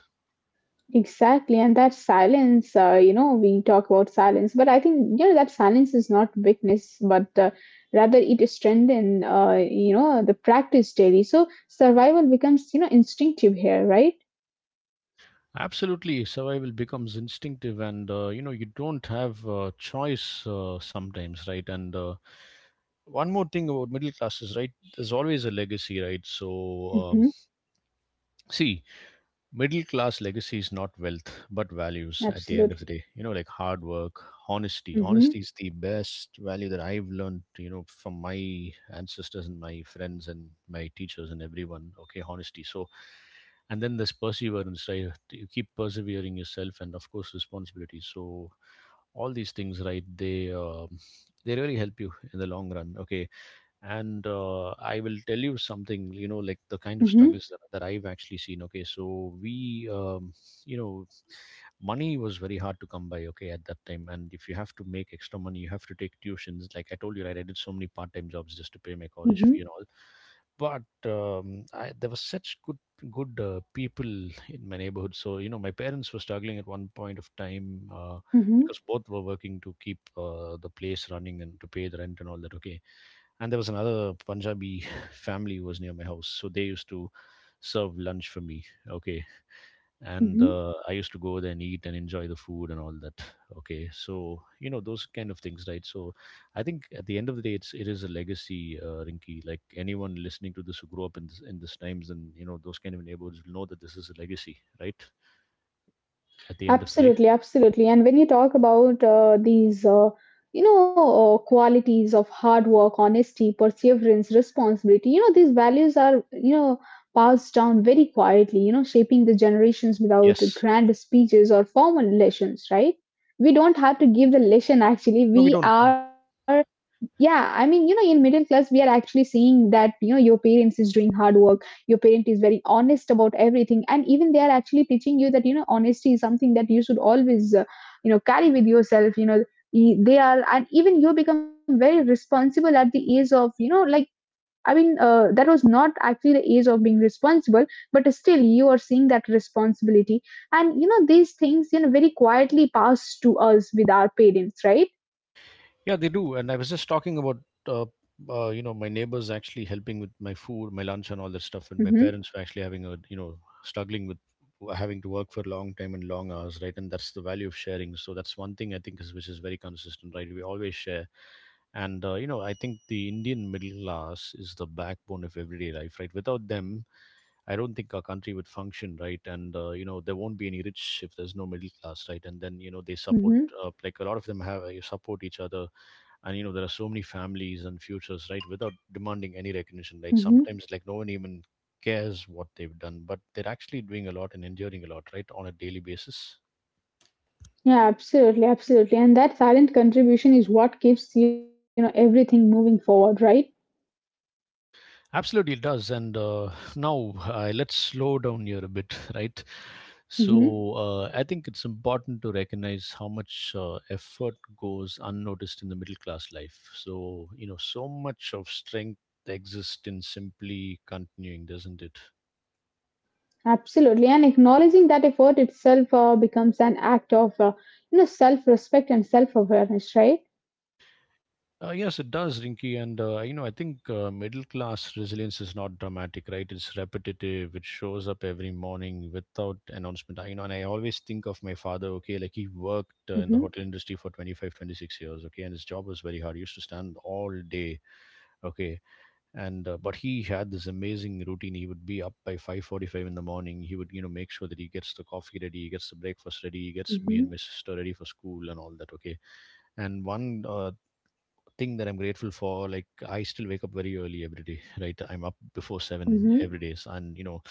[SPEAKER 2] Exactly, and that silence, uh, you know, we talk about silence, but I think, you know, that silence is not weakness, but uh, rather it is strengthen, uh, you know, the practice daily. So survival becomes, you know, instinctive here, right?
[SPEAKER 1] Absolutely, survival becomes instinctive, and uh, you know, you don't have uh, choice uh, sometimes, right? And uh, one more thing about middle classes, right? There's always a legacy, right? So, um
[SPEAKER 2] Mm-hmm.
[SPEAKER 1] see, middle class legacy is not wealth but values, at the end of
[SPEAKER 2] Absolutely.
[SPEAKER 1] the day, you know, like hard work, honesty.
[SPEAKER 2] Mm-hmm.
[SPEAKER 1] Honesty is the best value that I've learned, you know, from my ancestors and my friends and my teachers and everyone. Okay, honesty. So, and then this perseverance, right, you keep persevering yourself. And of course responsibility. So all these things, right, they um, they really help you in the long run. Okay, and uh, I will tell you something, you know, like the kind of
[SPEAKER 2] Mm-hmm.
[SPEAKER 1] struggles that, that I've actually seen. Okay, so we, um, you know, money was very hard to come by, okay, at that time. And if you have to make extra money, you have to take tuitions, like I told you, right? I did so many part-time jobs just to pay my
[SPEAKER 2] Mm-hmm.
[SPEAKER 1] college fee and all. But um, I, there were such good good uh, people in my neighborhood. So, you know, my parents were struggling at one point of time, uh,
[SPEAKER 2] Mm-hmm.
[SPEAKER 1] because both were working to keep uh, the place running and to pay the rent and all that. Okay, and there was another Punjabi family who was near my house, so they used to serve lunch for me. Okay, and
[SPEAKER 2] Mm-hmm.
[SPEAKER 1] uh, I used to go there and eat and enjoy the food and all that. Okay, so, you know, those kind of things, right? So I think at the end of the day, it's, it is a legacy, uh, Rinky. Like anyone listening to this who grew up in this, in this times, and, you know, those kind of neighborhoods, will know that this is a legacy, right? At the end of the day,
[SPEAKER 2] Absolutely, absolutely. And when you talk about uh, these, uh, you know, uh, qualities of hard work, honesty, perseverance, responsibility, you know, these values are, you know, passed down very quietly, you know, shaping the generations without
[SPEAKER 1] yes.
[SPEAKER 2] grand speeches or formal lessons, right? We don't have to give the lesson actually.
[SPEAKER 1] No, we
[SPEAKER 2] We
[SPEAKER 1] don't.
[SPEAKER 2] are. Yeah, I mean, you know, in middle class, we are actually seeing that, you know, your parents is doing hard work, your parent is very honest about everything, and even they are actually teaching you that, you know, honesty is something that you should always, uh, you know, carry with yourself, you know, E- they are, and even you become very responsible at the age of, you know, like, I mean, uh, that was not actually the age of being responsible, but still you are seeing that responsibility. And, you know, these things, you know, very quietly pass to us with our parents, right?
[SPEAKER 1] Yeah, they do. And I was just talking about, uh, uh, you know, my neighbors actually helping with my food, my lunch, and all that stuff. And my
[SPEAKER 2] Mm-hmm,
[SPEAKER 1] parents were actually having a, you know, struggling with having to work for a long time and long hours, right? And that's the value of sharing. So that's one thing I think is which is very consistent, right? We always share. And, uh, you know, I think the Indian middle class is the backbone of everyday life, right? Without them, I don't think our country would function, right? And, uh, you know, there won't be any rich if there's no middle class, right? And then, you know, they support,
[SPEAKER 2] mm-hmm,
[SPEAKER 1] uh, like, a lot of them have, uh, support each other. And, you know, there are so many families and futures, right, without demanding any recognition, right?
[SPEAKER 2] mm-hmm.
[SPEAKER 1] Sometimes, like, no one even cares what they've done, but they're actually doing a lot and enduring a lot, right, on a daily basis.
[SPEAKER 2] Yeah, absolutely, absolutely. And that silent contribution is what keeps, you know, everything moving forward, right?
[SPEAKER 1] Absolutely, it does. And uh, now, uh, let's slow down here a bit, right? So,
[SPEAKER 2] Hmm.
[SPEAKER 1] uh, I think it's important to recognize how much uh, effort goes unnoticed in the middle class life. So, you know, so much of strength exists in simply continuing, doesn't it?
[SPEAKER 2] Absolutely. And acknowledging that effort itself uh, becomes an act of, uh, you know, self-respect and self-awareness, right?
[SPEAKER 1] Uh, yes, it does, Rinky, and uh, you know, I think, uh, middle class resilience is not dramatic, right? It's repetitive. It shows up every morning without announcement. I, you know, and I always think of my father. Okay, like he worked uh, in the
[SPEAKER 2] Hmm.
[SPEAKER 1] hotel industry for twenty five, twenty six years. Okay, and his job was very hard. He used to stand all day. Okay, and uh, but he had this amazing routine. He would be up by five forty-five in the morning. He would, you know, make sure that he gets the coffee ready, he gets the breakfast ready, he gets me and
[SPEAKER 2] Hmm.
[SPEAKER 1] my sister ready for school and all that. Okay, and one uh, thing that I'm grateful for, like I still wake up very early every day, right? I'm up before seven
[SPEAKER 2] Hmm.
[SPEAKER 1] every day. So, and you know,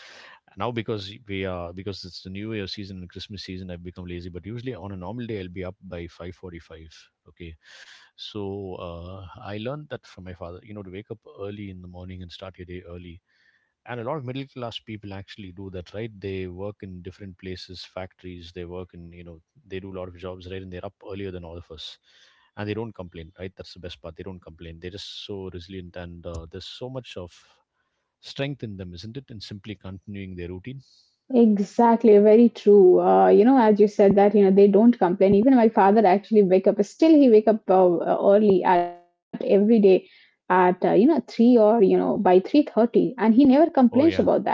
[SPEAKER 1] now because we are because it's the New Year season and Christmas season, I've become lazy. But usually on a normal day, I'll be up by five forty-five. Okay, so uh, I learned that from my father. You know, to wake up early in the morning and start your day early. And a lot of middle class people actually do that, right? They work in different places, factories. They work in, you know, they do a lot of jobs, right? And they're up earlier than all of us. And they don't complain, right? That's the best part. They don't complain. They're just so resilient. And uh, there's so much of strength in them, isn't it? In simply continuing their routine.
[SPEAKER 2] Exactly. Very true. Uh, you know, as you said that, you know, they don't complain. Even my father actually wake up. Still, he wake up uh, early at every day at, uh, you know, three or, you know, by three thirty. And he never complains
[SPEAKER 1] Oh
[SPEAKER 2] about
[SPEAKER 1] yeah.
[SPEAKER 2] that.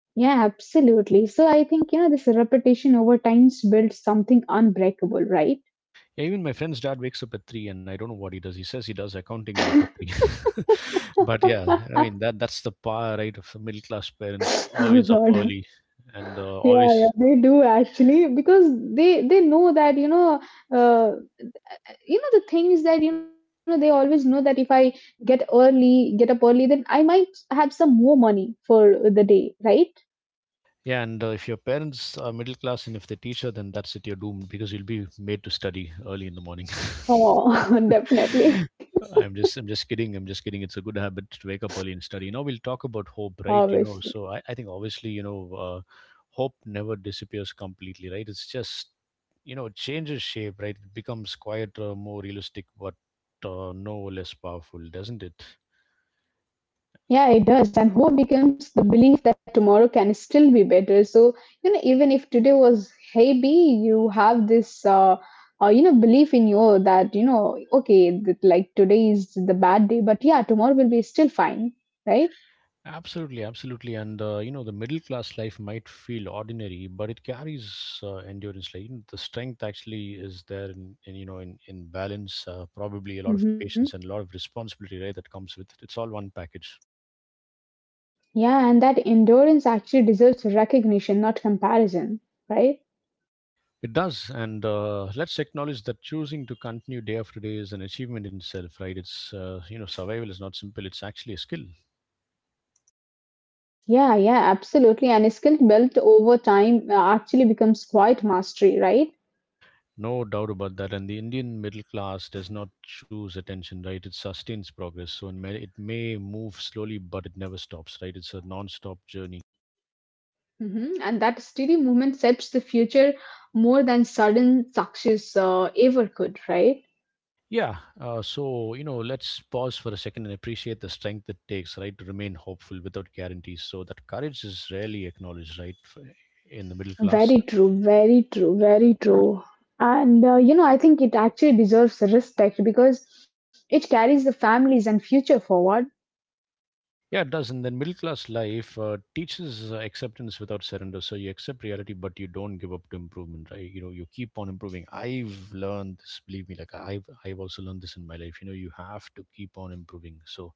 [SPEAKER 2] Yeah, absolutely. So I think, yeah, this repetition over time builds something unbreakable, right?
[SPEAKER 1] Yeah, even my friend's dad wakes up at three, and I don't know what he does. He says he does accounting work at three. But yeah, I mean, that that's the power, right, of middle class parents,
[SPEAKER 2] Oh
[SPEAKER 1] always up
[SPEAKER 2] God.
[SPEAKER 1] early. And uh,
[SPEAKER 2] Yeah, yeah,
[SPEAKER 1] always.
[SPEAKER 2] they do actually, because they they know that, you know uh you know the things that, you know they always know that if I get early get up early, then I might have some more money for the day, right?
[SPEAKER 1] Yeah, and uh, if your parents are middle class and if they teach her, then that's it, you're doomed because you'll be made to study early in the morning.
[SPEAKER 2] Oh. Definitely.
[SPEAKER 1] I'm just I'm just kidding. I'm just kidding. It's a good habit to wake up early and study. You know, we'll talk about hope, right? You know,
[SPEAKER 2] Obviously.
[SPEAKER 1] so I, I think obviously, you know, uh, hope never disappears completely, right? It's just you know, it changes shape, right? It becomes quieter, more realistic, but uh, no less powerful, doesn't it?
[SPEAKER 2] Yeah, it does. And hope becomes the belief that tomorrow can still be better. So, you know, even if today was heavy, you have this, uh, uh, you know, belief in you that, you know, okay, that, like today is the bad day, but yeah, tomorrow will be still fine, right?
[SPEAKER 1] Absolutely, absolutely, and uh, you know the middle class life might feel ordinary, but it carries uh, endurance. Like you know, the strength actually is there, in, in you know, in in balance, uh, probably a lot of
[SPEAKER 2] Hmm.
[SPEAKER 1] patience and a lot of responsibility, right? That comes with it. It's all one package.
[SPEAKER 2] Yeah, and that endurance actually deserves recognition, not comparison, right?
[SPEAKER 1] It does, and uh, let's acknowledge that choosing to continue day after day is an achievement in itself, right? It's uh, you know survival is not simple; it's actually a skill.
[SPEAKER 2] Yeah, yeah, absolutely. And a skill built over time uh, actually becomes quite mastery, right?
[SPEAKER 1] No doubt about that. And the Indian middle class does not choose attention, right? It sustains progress. So it may, it may move slowly, but it never stops, right? It's a non stop journey.
[SPEAKER 2] Hmm. And that steady movement shapes the future more than sudden success uh, ever could, right?
[SPEAKER 1] Yeah. Uh, so, you know, let's pause for a second and appreciate the strength it takes, right, to remain hopeful without guarantees. So that courage is rarely acknowledged, right, f- in the middle
[SPEAKER 2] Very
[SPEAKER 1] class.
[SPEAKER 2] true, very true, very true. And uh, you know, I think it actually deserves respect because it carries the families and future forward.
[SPEAKER 1] Yeah, it does. And then middle class life uh, teaches uh, acceptance without surrender. So you accept reality, but you don't give up to improvement, right? You know, you keep on improving. I've learned this, believe me. Like I've, I've also learned this in my life. You know, you have to keep on improving. So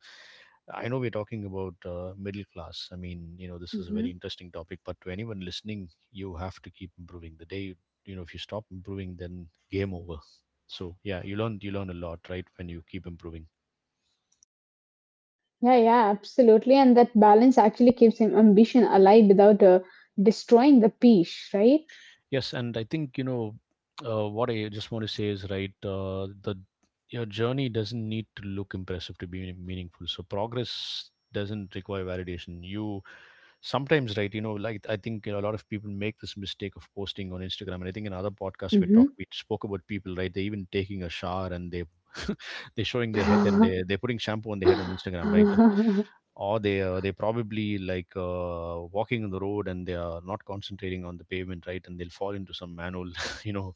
[SPEAKER 1] I know we're talking about uh, middle class. I mean, you know, this is a very
[SPEAKER 2] Mhm.
[SPEAKER 1] interesting topic. But to anyone listening, you have to keep improving. The day you, you know, if you stop improving, then game over. So yeah, you learn, you learn a lot, right? When you keep improving.
[SPEAKER 2] Yeah, yeah, absolutely. And that balance actually keeps him ambition alive without uh, destroying the peace, right?
[SPEAKER 1] Yes, and I think you know uh, what I just want to say is right. Uh, the Your journey doesn't need to look impressive to be meaningful. So progress doesn't require validation. You sometimes right you know like I think you know, a lot of people make this mistake of posting on instagram and I think in other podcasts we talked we spoke about people right they even taking a shower and they they're showing their head and
[SPEAKER 2] Mm-hmm.
[SPEAKER 1] they they're putting shampoo on their head on instagram right or they uh, they probably like uh, walking on the road and they are not concentrating on the pavement right and they'll fall into some manhole you know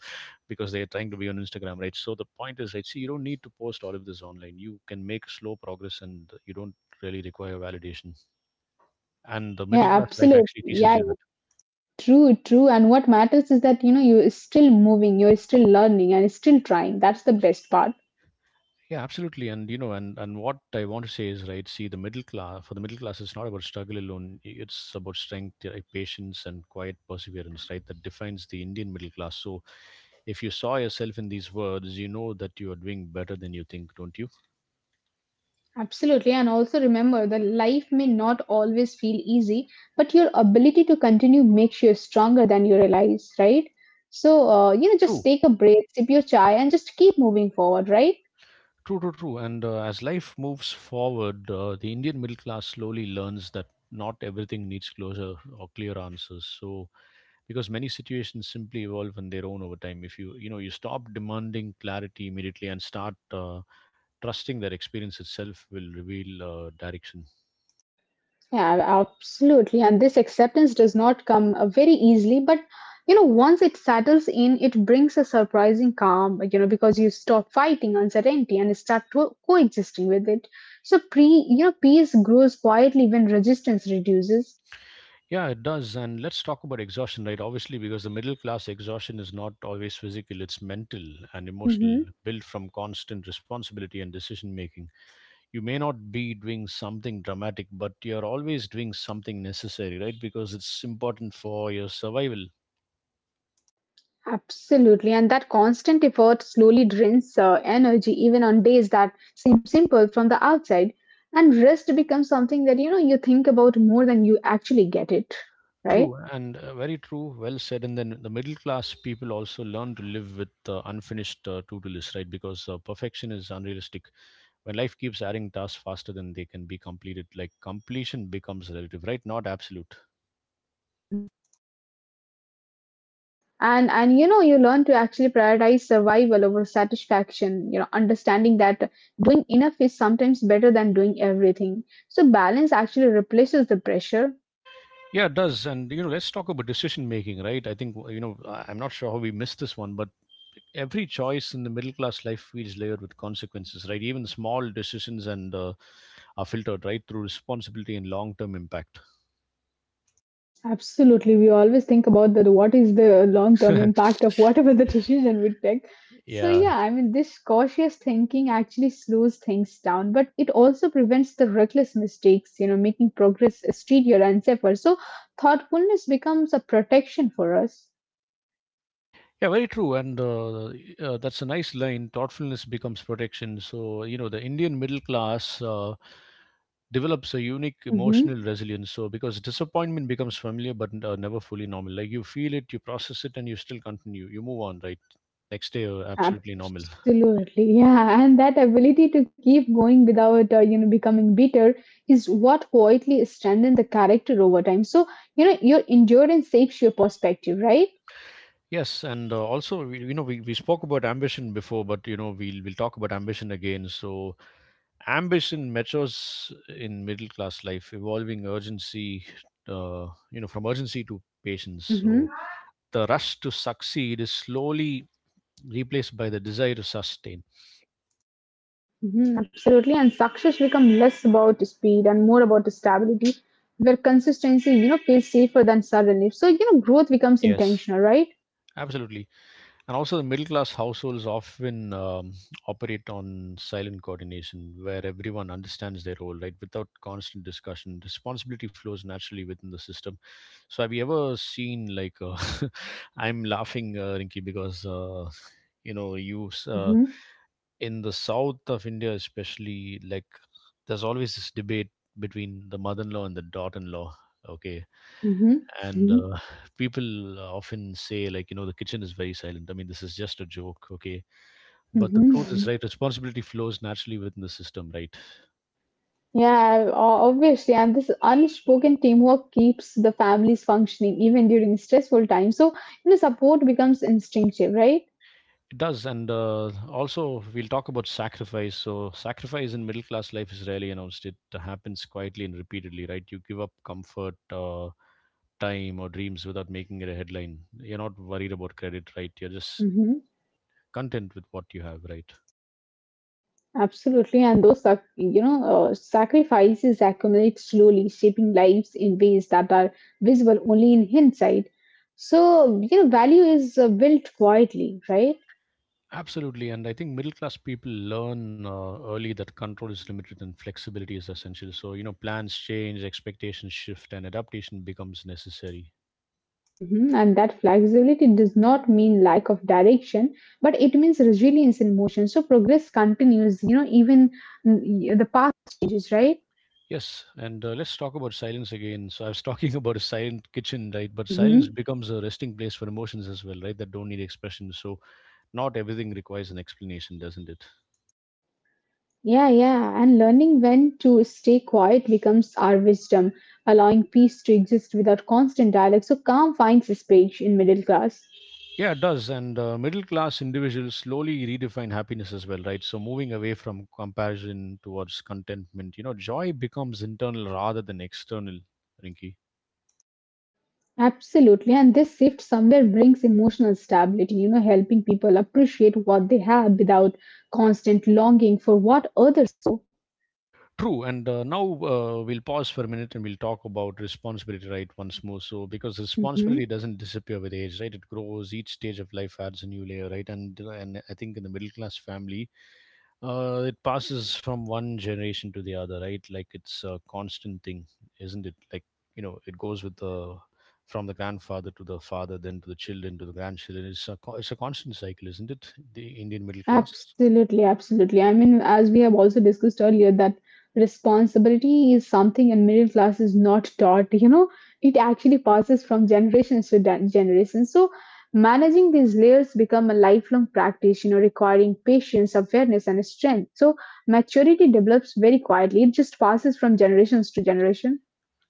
[SPEAKER 1] because they're trying to be on instagram right so the point is right see you don't need to post all of this online you can make slow progress and you don't really require validation and the middle
[SPEAKER 2] Yeah,
[SPEAKER 1] class life
[SPEAKER 2] absolutely.
[SPEAKER 1] actually
[SPEAKER 2] Yeah,
[SPEAKER 1] teaches you that.
[SPEAKER 2] true, true. And what matters is that, you know, you're still moving, you're still learning, and still trying. That's the best part.
[SPEAKER 1] Yeah, absolutely. And you know, and and what I want to say is right. See, the middle class for the middle class, it's not about struggle alone. i- It's about strength, uh, patience, and quiet perseverance. Right, that defines the Indian middle class. So, if you saw yourself in these words, you know that you are doing better than you think, don't you?
[SPEAKER 2] Absolutely. And also remember that life may not always feel easy, but your ability to continue makes you stronger than you realize, right? So, uh, you know, just
[SPEAKER 1] True,
[SPEAKER 2] take a break, sip your chai, and just keep moving forward, right?
[SPEAKER 1] true, true, true. And uh, as life moves forward, uh, the Indian middle class slowly learns that not everything needs closure or clear answers. So because many situations simply evolve on their own over time if you you know you stop demanding clarity immediately and start uh, trusting that experience itself will reveal uh, direction.
[SPEAKER 2] Yeah, absolutely. And this acceptance does not come uh, very easily, but you know, once it settles in, it brings a surprising calm, you know, because you stop fighting uncertainty and start to coexisting with it. So pre, you know, peace grows quietly when resistance reduces.
[SPEAKER 1] Yeah it does and let's talk about exhaustion right obviously because the middle class exhaustion is not always physical it's mental and emotional
[SPEAKER 2] Mhm.
[SPEAKER 1] built from constant responsibility and decision making you may not be doing something dramatic but you're always doing something necessary right because it's important for your survival.
[SPEAKER 2] Absolutely, and that constant effort slowly drains uh, energy, even on days that seem simple from the outside. And rest becomes something that, you know you think about more than you actually get it,
[SPEAKER 1] True
[SPEAKER 2] right?
[SPEAKER 1] and uh, very true. Well said. And then the middle class people also learn to live with uh, unfinished uh, to-do list, right? Because uh, perfection is unrealistic. When life keeps adding tasks faster than they can be completed, like completion becomes relative, right? Not absolute.
[SPEAKER 2] and and you know you learn to actually prioritize survival over satisfaction, you know understanding that doing enough is sometimes better than doing everything. So balance actually replaces the pressure.
[SPEAKER 1] Yeah, it does. And you know, let's talk about decision making, right? I think you know, I- I'm not sure how we missed this one, but every choice in the middle class life feels layered with consequences, right? Even small decisions and uh, are filtered right through responsibility and long-term impact.
[SPEAKER 2] Absolutely. We always think about that what is the long term impact of whatever the decision we take. So,
[SPEAKER 1] yeah.
[SPEAKER 2] yeah, I mean, this cautious thinking actually slows things down, but it also prevents the reckless mistakes, you know, making progress steadier and safer. So, thoughtfulness becomes a protection for us.
[SPEAKER 1] Yeah, very true. And uh, uh, that's a nice line. Thoughtfulness becomes protection. So, you know, the Indian middle class uh, develops a unique emotional resilience. So, because disappointment becomes familiar but uh, never fully normal. Like you feel it, you process it, and you still continue. You move on, right? Next day, uh, absolutely normal.
[SPEAKER 2] Absolutely, yeah, and that ability to keep going without uh, you know becoming bitter is what quietly strengthens the character over time. So you know your endurance shapes your perspective, right?
[SPEAKER 1] Yes. And uh, also, we, you know, we, we spoke about ambition before, but, you know, we'll, we'll talk about ambition again. So, ambition metros in middle class life evolving urgency uh, you know from urgency to patience so
[SPEAKER 2] Hmm.
[SPEAKER 1] the rush to succeed is slowly replaced by the desire to sustain.
[SPEAKER 2] Mhm, absolutely. And success become less about speed and more about stability, where consistency, you know, feels safer than suddenly. So, you know, growth becomes
[SPEAKER 1] Yes,
[SPEAKER 2] intentional, right?
[SPEAKER 1] absolutely. And also, the middle class households often um, operate on silent coordination where everyone understands their role, right? Without constant discussion, responsibility flows naturally within the system. So, have you ever seen, like, uh, I'm laughing, uh, Rinky, because, uh, you know, you s- uh,
[SPEAKER 2] Hmm.
[SPEAKER 1] in the south of India, especially, like, there's always this debate between the mother in law and the daughter in law, okay?
[SPEAKER 2] Hmm.
[SPEAKER 1] And
[SPEAKER 2] Hmm.
[SPEAKER 1] uh, people often say like you know the kitchen is very silent I mean this is just a joke okay but the truth is
[SPEAKER 2] Hmm.
[SPEAKER 1] right responsibility flows naturally within the system right.
[SPEAKER 2] Yeah, o- obviously. And this unspoken teamwork keeps the families functioning even during stressful times. So, you know, support becomes instinctive, right?
[SPEAKER 1] It does and uh, also we'll talk about sacrifice so sacrifice in middle class life is rarely announced it happens quietly and repeatedly right you give up comfort uh, time or dreams without making it a headline you're not worried about credit right you're just content with what you have right.
[SPEAKER 2] Absolutely, and those sac- you know uh, sacrifices accumulate slowly, shaping lives in ways that are visible only in hindsight. So, you know, value is uh, built quietly, right?
[SPEAKER 1] Absolutely, and I think middle class people learn uh, early that control is limited and flexibility is essential. So, you know, plans change, expectations shift, and adaptation becomes necessary.
[SPEAKER 2] Hmm. And that flexibility does not mean lack of direction, but it means resilience in motion. So progress continues, you know, even mm, the past changes, right?
[SPEAKER 1] Yes, and uh, let's talk about silence again. So, I was talking about a silent kitchen, right? But silence
[SPEAKER 2] Hmm.
[SPEAKER 1] becomes a resting place for emotions as well, right? That don't need expression. So, not everything requires an explanation, doesn't it?
[SPEAKER 2] Yeah, yeah. And learning when to stay quiet becomes our wisdom, allowing peace to exist without constant dialogue. So calm finds its page in middle class.
[SPEAKER 1] Yeah, it does. And uh, middle class individuals slowly redefine happiness as well, right? So moving away from comparison towards contentment, you know, joy becomes internal rather than external, Rinki.
[SPEAKER 2] Absolutely. And this shift somewhere brings emotional stability, you know, helping people appreciate what they have without constant longing for what others.
[SPEAKER 1] True. And uh, now uh, we'll pause for a minute and we'll talk about responsibility, right, once more. So, because
[SPEAKER 2] Mhm.
[SPEAKER 1] responsibility doesn't disappear with age, right? It grows. Each stage of life adds a new layer, right? And, and I think in the middle class family, uh, it passes from one generation to the other, right? Like it's a constant thing, isn't it? Like you know, it goes with the from the grandfather to the father, then to the children to the grandchildren. It's a co- it's a constant cycle, isn't it? The Indian middle class.
[SPEAKER 2] Absolutely, absolutely. I mean, as we have also discussed earlier, that responsibility is something in middle class is not taught. You know, it actually passes from generations to gen- generations. So managing these layers become a lifelong practice, you know, requiring patience, awareness, and strength. So maturity develops very quietly. It just passes from generations to generation.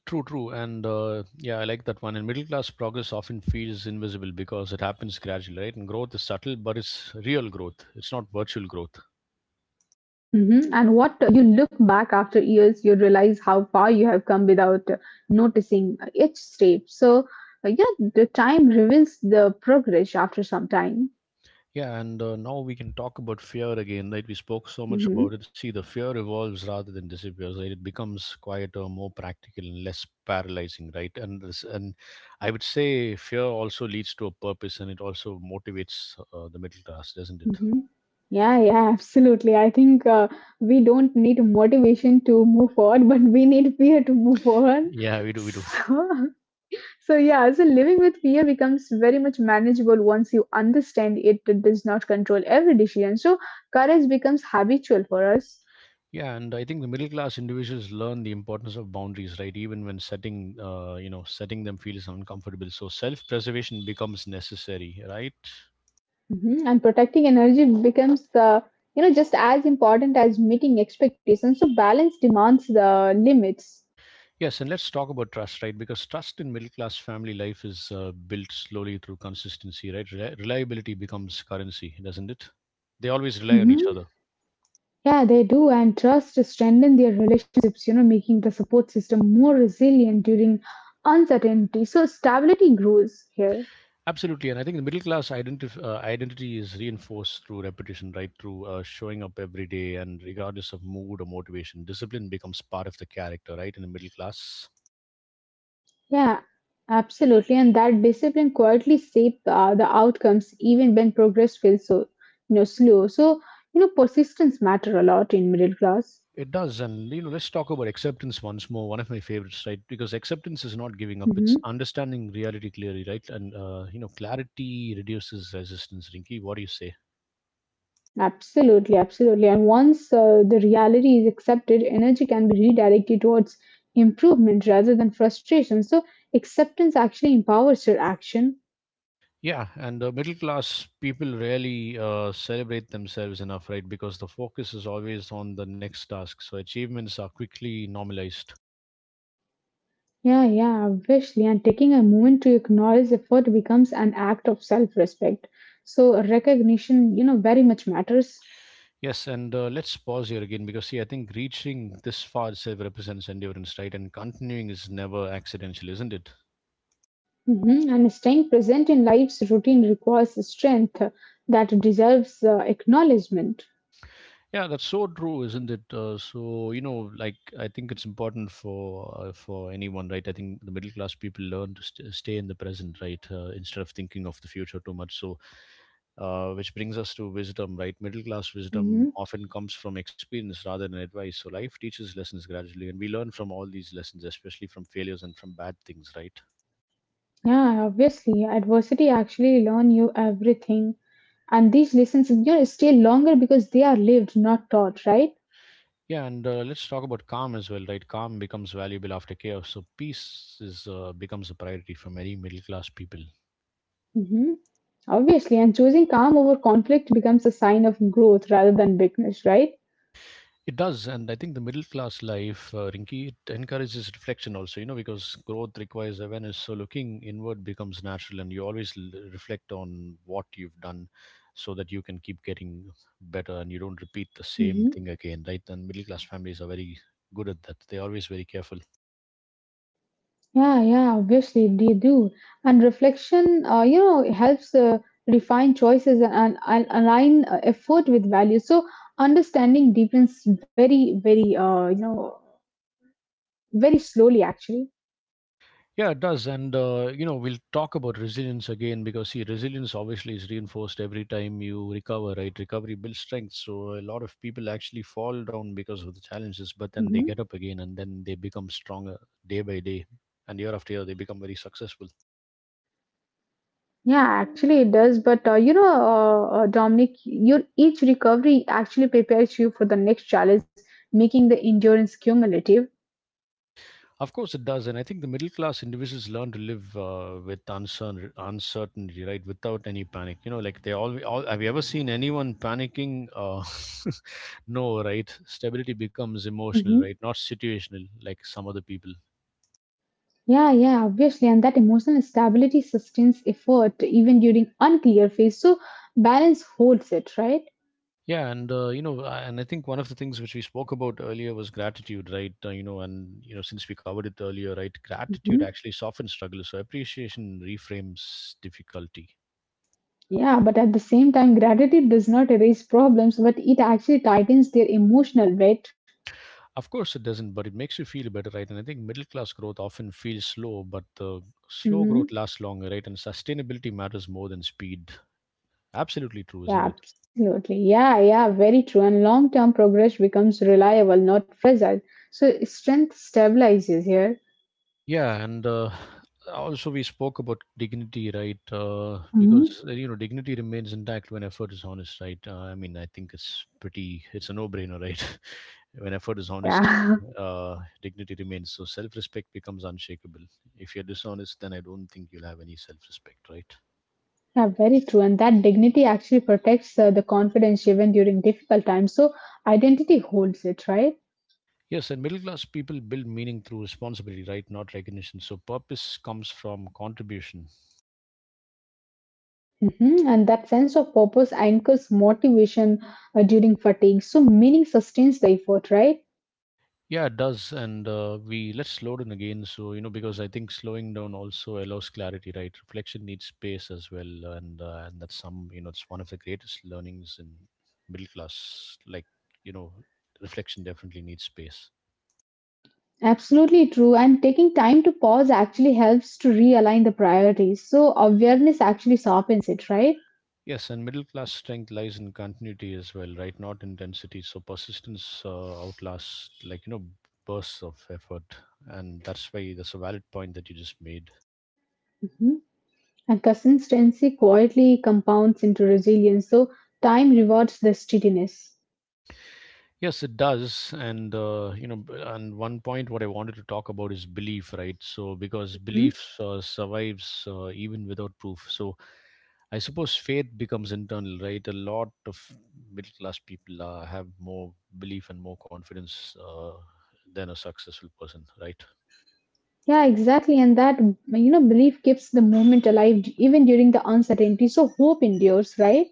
[SPEAKER 1] True, true, and uh, yeah, I like that one. And middle class progress often feels invisible because it happens gradually, right? And growth is subtle, but it's real growth. It's not virtual growth.
[SPEAKER 2] Mhm. And what you look back after years, you realize how far you have come without noticing each step. So, uh, yeah, the time reveals the progress after some time.
[SPEAKER 1] Yeah, and uh, now we can talk about fear again, right? We spoke so much
[SPEAKER 2] Hmm.
[SPEAKER 1] about it. See, the fear evolves rather than disappears, right? It becomes quieter, more practical, and less paralyzing, right? And this, and I would say fear also leads to a purpose, and it also motivates uh, the middle class, doesn't it?
[SPEAKER 2] Hmm. Yeah, yeah, absolutely. I think uh, we don't need motivation to move forward, but we need fear to move forward.
[SPEAKER 1] Yeah, we do, we do.
[SPEAKER 2] So, so yeah, so living with fear becomes very much manageable once you understand it does not control every decision. So, courage becomes habitual for us.
[SPEAKER 1] Yeah, and I think the middle class individuals learn the importance of boundaries, right? Even when setting, uh, you know, setting them feels uncomfortable. So self-preservation becomes necessary, right?
[SPEAKER 2] Mhm. And protecting energy becomes, uh, you know, just as important as meeting expectations. So balance demands the limits.
[SPEAKER 1] Yes, and let's talk about trust, right? Because trust in middle class family life is uh, built slowly through consistency, right? Reli- reliability becomes currency, doesn't it? They always rely on each other.
[SPEAKER 2] Hmm. Yeah, they do. And trust to strengthen their relationships, you know, making the support system more resilient during uncertainty. So stability grows here.
[SPEAKER 1] Absolutely, and I think the middle class identif- uh, identity is reinforced through repetition, right? Through uh, showing up every day, and regardless of mood or motivation, discipline becomes part of the character, right? In the middle class.
[SPEAKER 2] Yeah, absolutely. And that discipline quietly shape uh, the outcomes even when progress feels so, you know, slow. So, you know, persistence matter a lot in middle class.
[SPEAKER 1] It does, and you know, let's talk about acceptance once more. One of my favorites, right? Because acceptance is not giving up; it's
[SPEAKER 2] Hmm.
[SPEAKER 1] understanding reality clearly, right? And uh, you know, clarity reduces resistance. Rinky, what do you say?
[SPEAKER 2] Absolutely, absolutely. And once uh, the reality is accepted, energy can be redirected towards improvement rather than frustration. So, acceptance actually empowers your action.
[SPEAKER 1] Yeah, and uh, middle class people rarely uh, celebrate themselves enough, right? Because the focus is always on the next task, so achievements are quickly normalized.
[SPEAKER 2] Yeah, yeah, obviously. And taking a moment to acknowledge effort becomes an act of self respect. So, recognition, you know, very much matters.
[SPEAKER 1] Yes, and uh, let's pause here again because see, I think reaching this far itself represents endurance, right? And continuing is never accidental, isn't it?
[SPEAKER 2] Mhm. And staying present in life's routine requires strength that deserves uh, acknowledgement.
[SPEAKER 1] Yeah, that's so true, isn't it? Uh, so you know, like I think it's important for uh, for anyone, right? I think the middle class people learn to st- stay in the present, right, uh, instead of thinking of the future too much. So, uh, which brings us to wisdom, right? Middle class wisdom
[SPEAKER 2] Mhm.
[SPEAKER 1] often comes from experience rather than advice. So life teaches lessons gradually, and we learn from all these lessons, especially from failures and from bad things, right?
[SPEAKER 2] Yeah, obviously, adversity actually learn you everything, and these lessons, you know stay longer because they are lived, not taught, right?
[SPEAKER 1] Yeah, and uh, let's talk about calm as well, right? Calm becomes valuable after chaos, so peace is uh, becomes a priority for many middle class people.
[SPEAKER 2] Mhm. Obviously, and choosing calm over conflict becomes a sign of growth rather than weakness, right?
[SPEAKER 1] It does, and I think the middle class life, uh, Rinki, it encourages reflection also, you know, because growth requires awareness. So looking inward becomes natural, and you always l- reflect on what you've done so that you can keep getting better and you don't repeat the same
[SPEAKER 2] Hmm.
[SPEAKER 1] thing again, right? And middle class families are very good at that. They're always very careful.
[SPEAKER 2] Yeah, yeah, obviously they do. And reflection, uh, you know, helps uh, refine choices and, and align uh, effort with value. So understanding deepens very, very, uh, you know, very slowly actually.
[SPEAKER 1] Yeah, it does. And, uh, you know, we'll talk about resilience again because, see, resilience obviously is reinforced every time you recover, right? Recovery builds strength. So a lot of people actually fall down because of the challenges, but then
[SPEAKER 2] Hmm.
[SPEAKER 1] they get up again and then they become stronger day by day. And year after year, they become very successful.
[SPEAKER 2] Yeah, actually it does. But uh, you know, uh, uh, Dominic, your each recovery actually prepares you for the next challenge, making the endurance cumulative.
[SPEAKER 1] Of course, it does, and I think the middle class individuals learn to live uh, with uncertain, uncertainty, right? Without any panic, you know, like they always, all. Have you ever seen anyone panicking? Uh, no, right? Stability becomes emotional,
[SPEAKER 2] Mhm.
[SPEAKER 1] right? Not situational, like some other people.
[SPEAKER 2] Yeah, yeah, obviously. And that emotional stability sustains effort even during unclear phase. So balance holds it, right?
[SPEAKER 1] Yeah, and uh, you know, I- and I think one of the things which we spoke about earlier was gratitude, right? Uh, you know, and you know, since we covered it earlier, right? Gratitude
[SPEAKER 2] Hmm.
[SPEAKER 1] actually softens struggle, so appreciation reframes difficulty.
[SPEAKER 2] Yeah, but at the same time, gratitude does not erase problems, but it actually tightens their emotional weight.
[SPEAKER 1] Of course, it doesn't, but it makes you feel better, right? And I think middle class growth often feels slow, but the slow growth
[SPEAKER 2] Hmm.
[SPEAKER 1] lasts longer, right? And sustainability matters more than speed. Absolutely true, isn't
[SPEAKER 2] Yeah,
[SPEAKER 1] it?
[SPEAKER 2] absolutely. Yeah, yeah, very true. And long term progress becomes reliable, not fragile. So strength stabilizes here.
[SPEAKER 1] Yeah, and uh, also we spoke about dignity, right? Uh,
[SPEAKER 2] Hmm.
[SPEAKER 1] because uh, you know dignity remains intact when effort is honest, right? Uh, I mean, I think it's pretty, it's a no-brainer, right? When effort is honest,
[SPEAKER 2] Yeah.
[SPEAKER 1] uh, dignity remains. So self-respect becomes unshakable. If you're dishonest, then I don't think you'll have any self-respect, right?
[SPEAKER 2] Yeah, very true. And that dignity actually protects uh, the confidence even during difficult times. So identity holds it, right?
[SPEAKER 1] Yes, and middle class people build meaning through responsibility, right? Not recognition. So purpose comes from contribution.
[SPEAKER 2] Hmm. And that sense of purpose anchors motivation uh, during fatigue. So meaning sustains the effort, right?
[SPEAKER 1] Yeah, it does. And uh, we let's slow down again. So you know, because I think slowing down also allows clarity, right? Reflection needs space as well, and uh, and that's some you know it's one of the greatest learnings in middle class. Like you know, reflection definitely needs space.
[SPEAKER 2] Absolutely true. And taking time to pause actually helps to realign the priorities. So awareness actually softens it, right?
[SPEAKER 1] Yes, and middle class strength lies in continuity as well, right? Not intensity. So persistence uh, outlasts, like, you know, bursts of effort. And that's why that's a valid point that you just made.
[SPEAKER 2] Hmm. And consistency quietly compounds into resilience. So time rewards the steadiness.
[SPEAKER 1] Yes, it does. And, uh, you know, b- and one point what I wanted to talk about is belief, right? So because
[SPEAKER 2] Mm-hmm.
[SPEAKER 1] belief uh, survives uh, even without proof. So I suppose faith becomes internal, right? A lot of middle class people uh, have more belief and more confidence uh, than a successful person, right?
[SPEAKER 2] Yeah, exactly. And that, you know, belief keeps the movement alive, d- even during the uncertainty. So hope endures, right?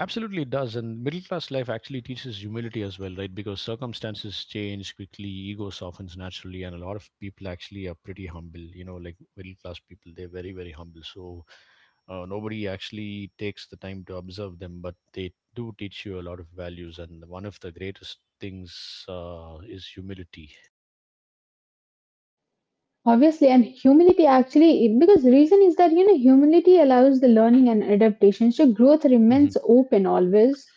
[SPEAKER 1] Absolutely, it does. And middle class life actually teaches humility as well, right? Because circumstances change quickly, ego softens naturally, and a lot of people actually are pretty humble. You know, like middle class people, they're very, very humble. So uh, nobody actually takes the time to observe them, but they do teach you a lot of values. And one of the greatest things uh, is humility.
[SPEAKER 2] Obviously, and humility actually, because reason is that, you know, humility allows the learning and adaptation. So growth
[SPEAKER 1] Mm-hmm.
[SPEAKER 2] remains open always.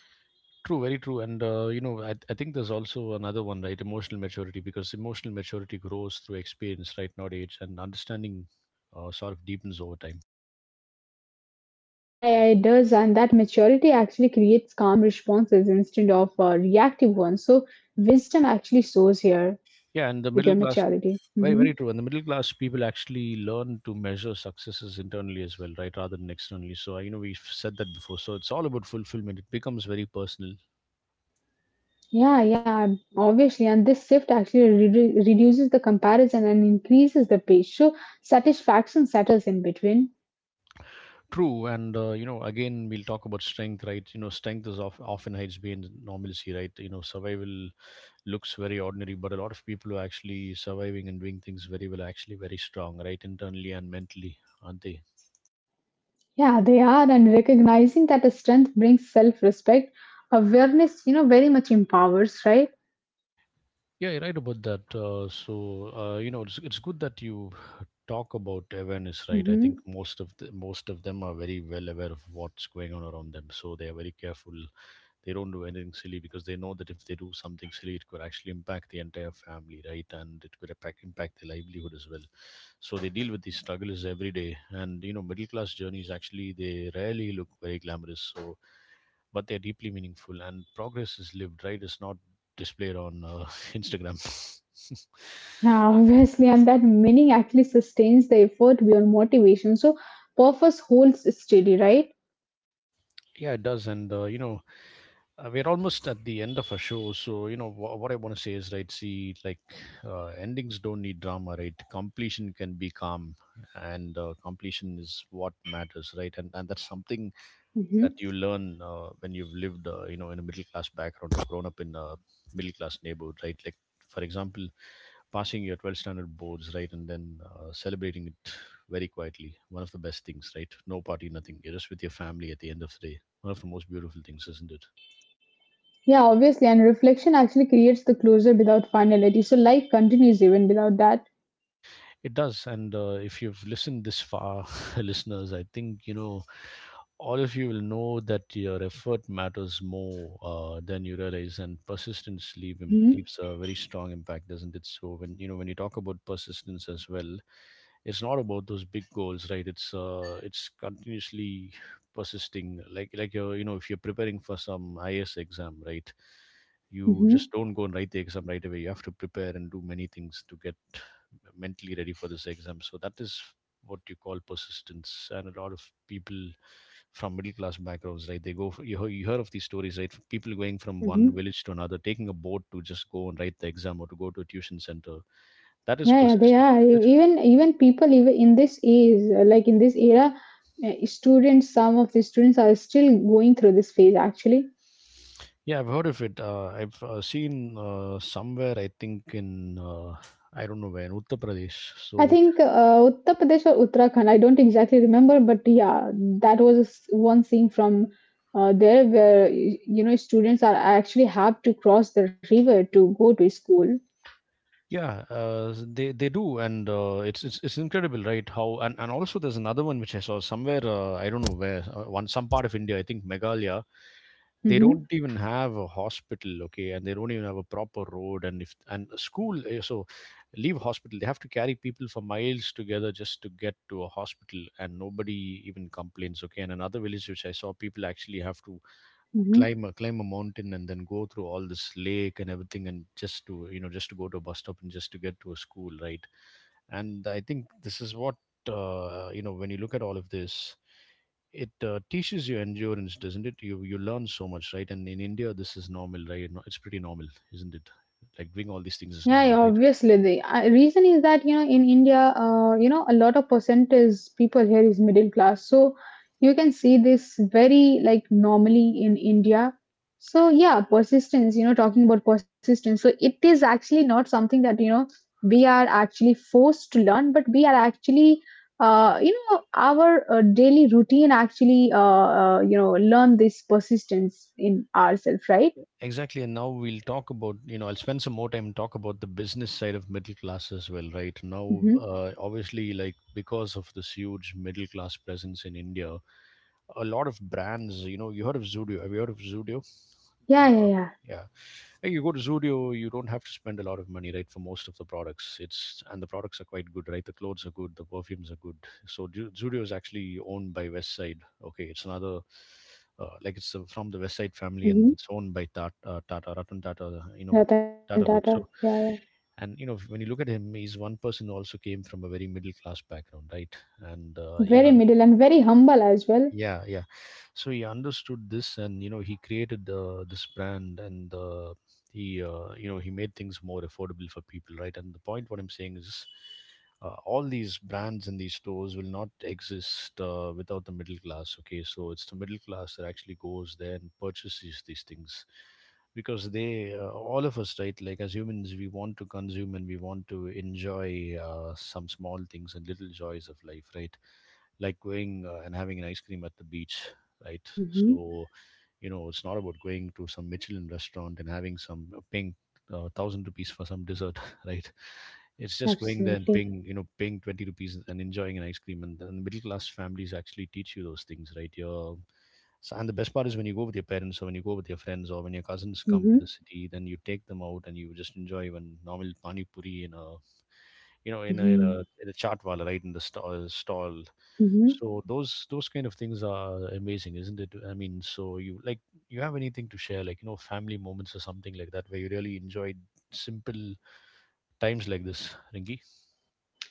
[SPEAKER 1] True, very true. And, uh, you know, I, I think there's also another one, right? Emotional maturity, because emotional maturity grows through experience, right? Not age, and understanding uh, sort of deepens over time.
[SPEAKER 2] Yeah, yeah, it does. And that maturity actually creates calm responses instead of uh, reactive ones. So wisdom actually soars here
[SPEAKER 1] Yeah, and the
[SPEAKER 2] with
[SPEAKER 1] middle
[SPEAKER 2] your
[SPEAKER 1] class,
[SPEAKER 2] maturity.
[SPEAKER 1] very,
[SPEAKER 2] Mhm.
[SPEAKER 1] very true. And the middle class people actually learn to measure successes internally as well, right? Rather than externally. So, uh, you know, we've said that before. So it's all about fulfillment. It becomes very personal.
[SPEAKER 2] Yeah, yeah, obviously. And this shift actually redu reduces the comparison and increases the pace. So satisfaction settles in between.
[SPEAKER 1] True. And, uh, you know, again, we'll talk about strength, right? You know, strength is of, often hides behind normalcy, right? You know, survival looks very ordinary, but a lot of people who are actually surviving and doing things very well are actually very strong, right, internally and mentally, aren't they?
[SPEAKER 2] Yeah, they are. And recognizing that a strength brings self-respect, awareness, you know, very much empowers, right?
[SPEAKER 1] Yeah, you're right about that. Uh, so uh, you know, it's it's good that you talk about awareness, right? I think
[SPEAKER 2] Hmm.
[SPEAKER 1] most of the, most of them are very well aware of what's going on around them, so they are very careful. They don't do anything silly because they know that if they do something silly it could actually impact the entire family, right? And it could impact, impact their livelihood as well. So they deal with these struggles every day. And you know middle class journeys actually they rarely look very glamorous, so but they're deeply meaningful, and progress is lived, right? It's not displayed on uh, Instagram.
[SPEAKER 2] Yeah, obviously. And that meaning actually sustains the effort beyond motivation. So purpose holds steady, right?
[SPEAKER 1] Yeah, it does. And uh, you know, uh, we're almost at the end of a show. So you know, wh- what I want to say is right, see, like uh, endings don't need drama, right? Completion can be calm, and uh, completion is what matters, right? And and that's something
[SPEAKER 2] Hmm.
[SPEAKER 1] that you learn uh, when you've lived uh, you know in a middle class background or grown up in a middle class neighborhood, right? Like for example, passing your twelfth standard boards, right? And then uh, celebrating it very quietly, one of the best things, right? No party, nothing. You're just with your family at the end of the day. One of the most beautiful things, isn't it?
[SPEAKER 2] Yeah, obviously. And reflection actually creates the closure without finality. So life continues even without that.
[SPEAKER 1] It does. And uh, if you've listened this far, listeners, I think, you know, all of you will know that your effort matters more uh, than you realize, and persistence leave, im-
[SPEAKER 2] Hmm.
[SPEAKER 1] leaves a very strong impact, doesn't it? So when you know when you talk about persistence as well, it's not about those big goals, right? It's uh, it's continuously persisting, like like you you know if you're preparing for some I S exam, right? You
[SPEAKER 2] Hmm.
[SPEAKER 1] just don't go and write the exam right away. You have to prepare and do many things to get mentally ready for this exam. So that is what you call persistence. And a lot of people from middle class backgrounds, right? They go. For, you hear, you hear of these stories, right? People going from one
[SPEAKER 2] Hmm.
[SPEAKER 1] village to another, taking a boat to just go and write the exam or to go to a tuition center. That is
[SPEAKER 2] Yeah, yeah, they
[SPEAKER 1] persistent,
[SPEAKER 2] are.
[SPEAKER 1] isn't it?
[SPEAKER 2] E- Even even people even in this age, uh, like in this era, uh, students, some of the students are still going through this phase actually.
[SPEAKER 1] Yeah, I've heard of it. Uh, I've uh, seen uh, somewhere, I think in uh, I don't know where, in Uttar Pradesh.
[SPEAKER 2] I
[SPEAKER 1] So
[SPEAKER 2] think uh, Uttar Pradesh or Uttarakhand, I don't exactly remember, but yeah, that was a s- one thing from uh, there, where y- you know students are actually have to cross the river to go to school.
[SPEAKER 1] yeah, uh, s- they they do, and uh, it's it's it's incredible, right? How and, and also there's another one which I saw somewhere. Uh, I don't know where. Uh, one some part of India, I think Meghalaya. They
[SPEAKER 2] Mm-hmm.
[SPEAKER 1] don't even have a hospital, okay, and they don't even have a proper road, and if and a school. uh, So leave hospital. They have to carry people for miles together just to get to a hospital, and nobody even complains, okay. And another village which I saw, people actually have to
[SPEAKER 2] Mm-hmm.
[SPEAKER 1] climb a climb a mountain and then go through all this lake and everything and just to you know just to go to a bus stop and just to get to a school, right? And I think this is what uh, you know when you look at all of this, it uh, teaches you endurance, doesn't it? you you learn so much, right? And in India this is normal, right? No- it's pretty normal, isn't it? Like doing all these things is
[SPEAKER 2] Yeah,
[SPEAKER 1] normal,
[SPEAKER 2] yeah,
[SPEAKER 1] right?
[SPEAKER 2] obviously the uh, reason is that, you know in India, uh, you know a lot of percent is people here is middle class, so you can see this very like normally in India. So yeah, persistence. You know, talking about persistence, so it is actually not something that, you know we are actually forced to learn, but we are actually, uh, you know, our uh, daily routine actually, uh, uh, you know, learn this persistence in ourselves, right?
[SPEAKER 1] Exactly, and now we'll talk about, you know, I'll spend some more time and talk about the business side of middle class as well, right? Now,
[SPEAKER 2] Hmm.
[SPEAKER 1] uh, obviously, like because of this huge middle class presence in India, a lot of brands. You know, you heard of Zudio? Have you heard of Zudio?
[SPEAKER 2] Yeah, yeah,
[SPEAKER 1] Uh,
[SPEAKER 2] yeah.
[SPEAKER 1] yeah, hey, you go to Zudio, you don't have to spend a lot of money, right? For most of the products, it's and the products are quite good, right? The clothes are good, the perfumes are good. So Ju- Zudio is actually owned by Westside. Okay, it's another. Uh, like it's uh, from the Westside family, and
[SPEAKER 2] Mm-hmm.
[SPEAKER 1] it's owned by Tata, uh, Tata Ratan Tata, you know,
[SPEAKER 2] Ratan Tata.
[SPEAKER 1] Tata Group.
[SPEAKER 2] Yeah,
[SPEAKER 1] So,
[SPEAKER 2] yeah.
[SPEAKER 1] and you know, when you look at him, he's one person who also came from a very middle class background, right? And uh, He
[SPEAKER 2] Very
[SPEAKER 1] earned.
[SPEAKER 2] middle and very humble as well.
[SPEAKER 1] Yeah, yeah. So he understood this, and you know, he created the this brand. And uh, he uh, you know, he made things more affordable for people, right? And the point what I'm saying is, uh, all these brands and these stores will not exist uh, without the middle class. Okay, so it's the middle class that actually goes there and purchases these things, because they uh, all of us, right, like as humans, we want to consume and we want to enjoy uh, some small things and little joys of life, right? Like going uh, and having an ice cream at the beach, right?
[SPEAKER 2] Hmm.
[SPEAKER 1] So, you know, it's not about going to some Michelin restaurant and having some uh, paying uh, thousand rupees for some dessert, right? It's just going there
[SPEAKER 2] Absolutely.
[SPEAKER 1] and paying, you know, paying twenty rupees and enjoying an ice cream. And, and middle class families actually teach you those things, right? You're so, and the best part is when you go with your parents, or when you go with your friends, or when your cousins come to
[SPEAKER 2] Hmm.
[SPEAKER 1] the city, then you take them out and you just enjoy even normal pani puri in a, you know, in a in a,
[SPEAKER 2] Hmm.
[SPEAKER 1] in a chaat wala, right in the stall stall. So those those kind of things are amazing, isn't it? I mean, so you like, you have anything to share, like you know, family moments or something like that, where you really enjoyed simple times like this, Ringy?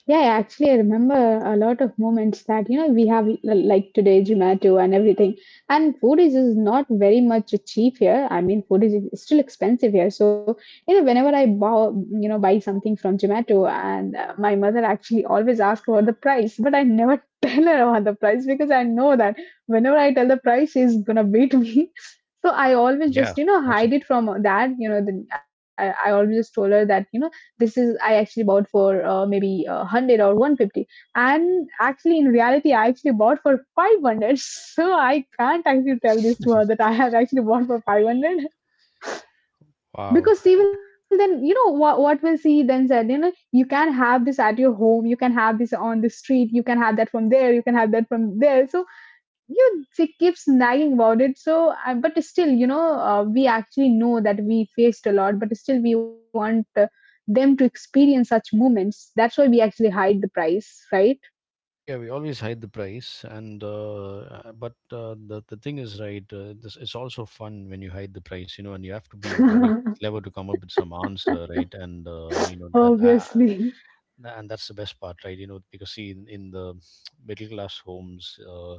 [SPEAKER 2] Yeah, yeah, actually, I remember a lot of moments that, you know we have l- like today, Zomato and everything. And food is, is not very much cheap here. I mean, food is still expensive here. So, you know, whenever I buy, you know, buy something from Zomato, and uh, my mother actually always asks about the price, but I never tell her about the price, because I know that whenever I tell the price, she's gonna beat me. So I always just
[SPEAKER 1] Yeah,
[SPEAKER 2] you know hide
[SPEAKER 1] absolutely.
[SPEAKER 2] it from that. You know, the, I, I always just told her that you know this is i actually bought for uh, maybe uh, one hundred or one hundred fifty, and actually in reality i actually bought for five hundred. So i can't actually tell this to her that i have actually bought for five hundred,
[SPEAKER 1] Wow.
[SPEAKER 2] because she will then you know what, what will she then said, you know, you can have this at your home, you can have this on the street, you can have that from there, you can have that from there. So you she keeps nagging about it. So I, but still you know uh, we actually know that we faced a lot, but still we want uh, them to experience such moments. That's why we actually hide the price, right?
[SPEAKER 1] Oh yeah, we always hide the price, and uh, uh, but uh, the the thing is, right. Uh, this, it's also fun when you hide the price, you know, and you have to be very clever to come up with some answer, right? And uh, you know that. Uh,
[SPEAKER 2] Obviously.
[SPEAKER 1] and that's the best part, right? You know, because see, in, in the middle class homes, uh,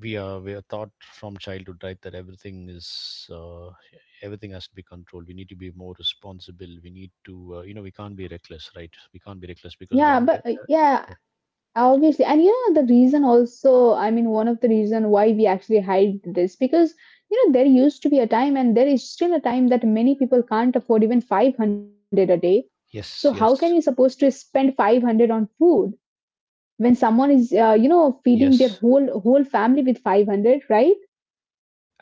[SPEAKER 1] we are we are taught from childhood, right, that everything is uh, everything has to be controlled. We need to be more responsible, we need to, uh, you know, we can't be reckless, right? We can't be reckless because
[SPEAKER 2] Yeah,
[SPEAKER 1] one re-
[SPEAKER 2] but uh,
[SPEAKER 1] uh,
[SPEAKER 2] yeah,
[SPEAKER 1] yeah.
[SPEAKER 2] obviously. And you know the reason also, I mean, one of the reason why we actually hide this, because you know there used to be a time and there is still a time that many people can't afford even five hundred a day. So how can
[SPEAKER 1] Yes,
[SPEAKER 2] you
[SPEAKER 1] yes,
[SPEAKER 2] supposed to spend five hundred on food when someone is uh, you know, feeding their
[SPEAKER 1] yes,
[SPEAKER 2] whole whole family with five hundred, right?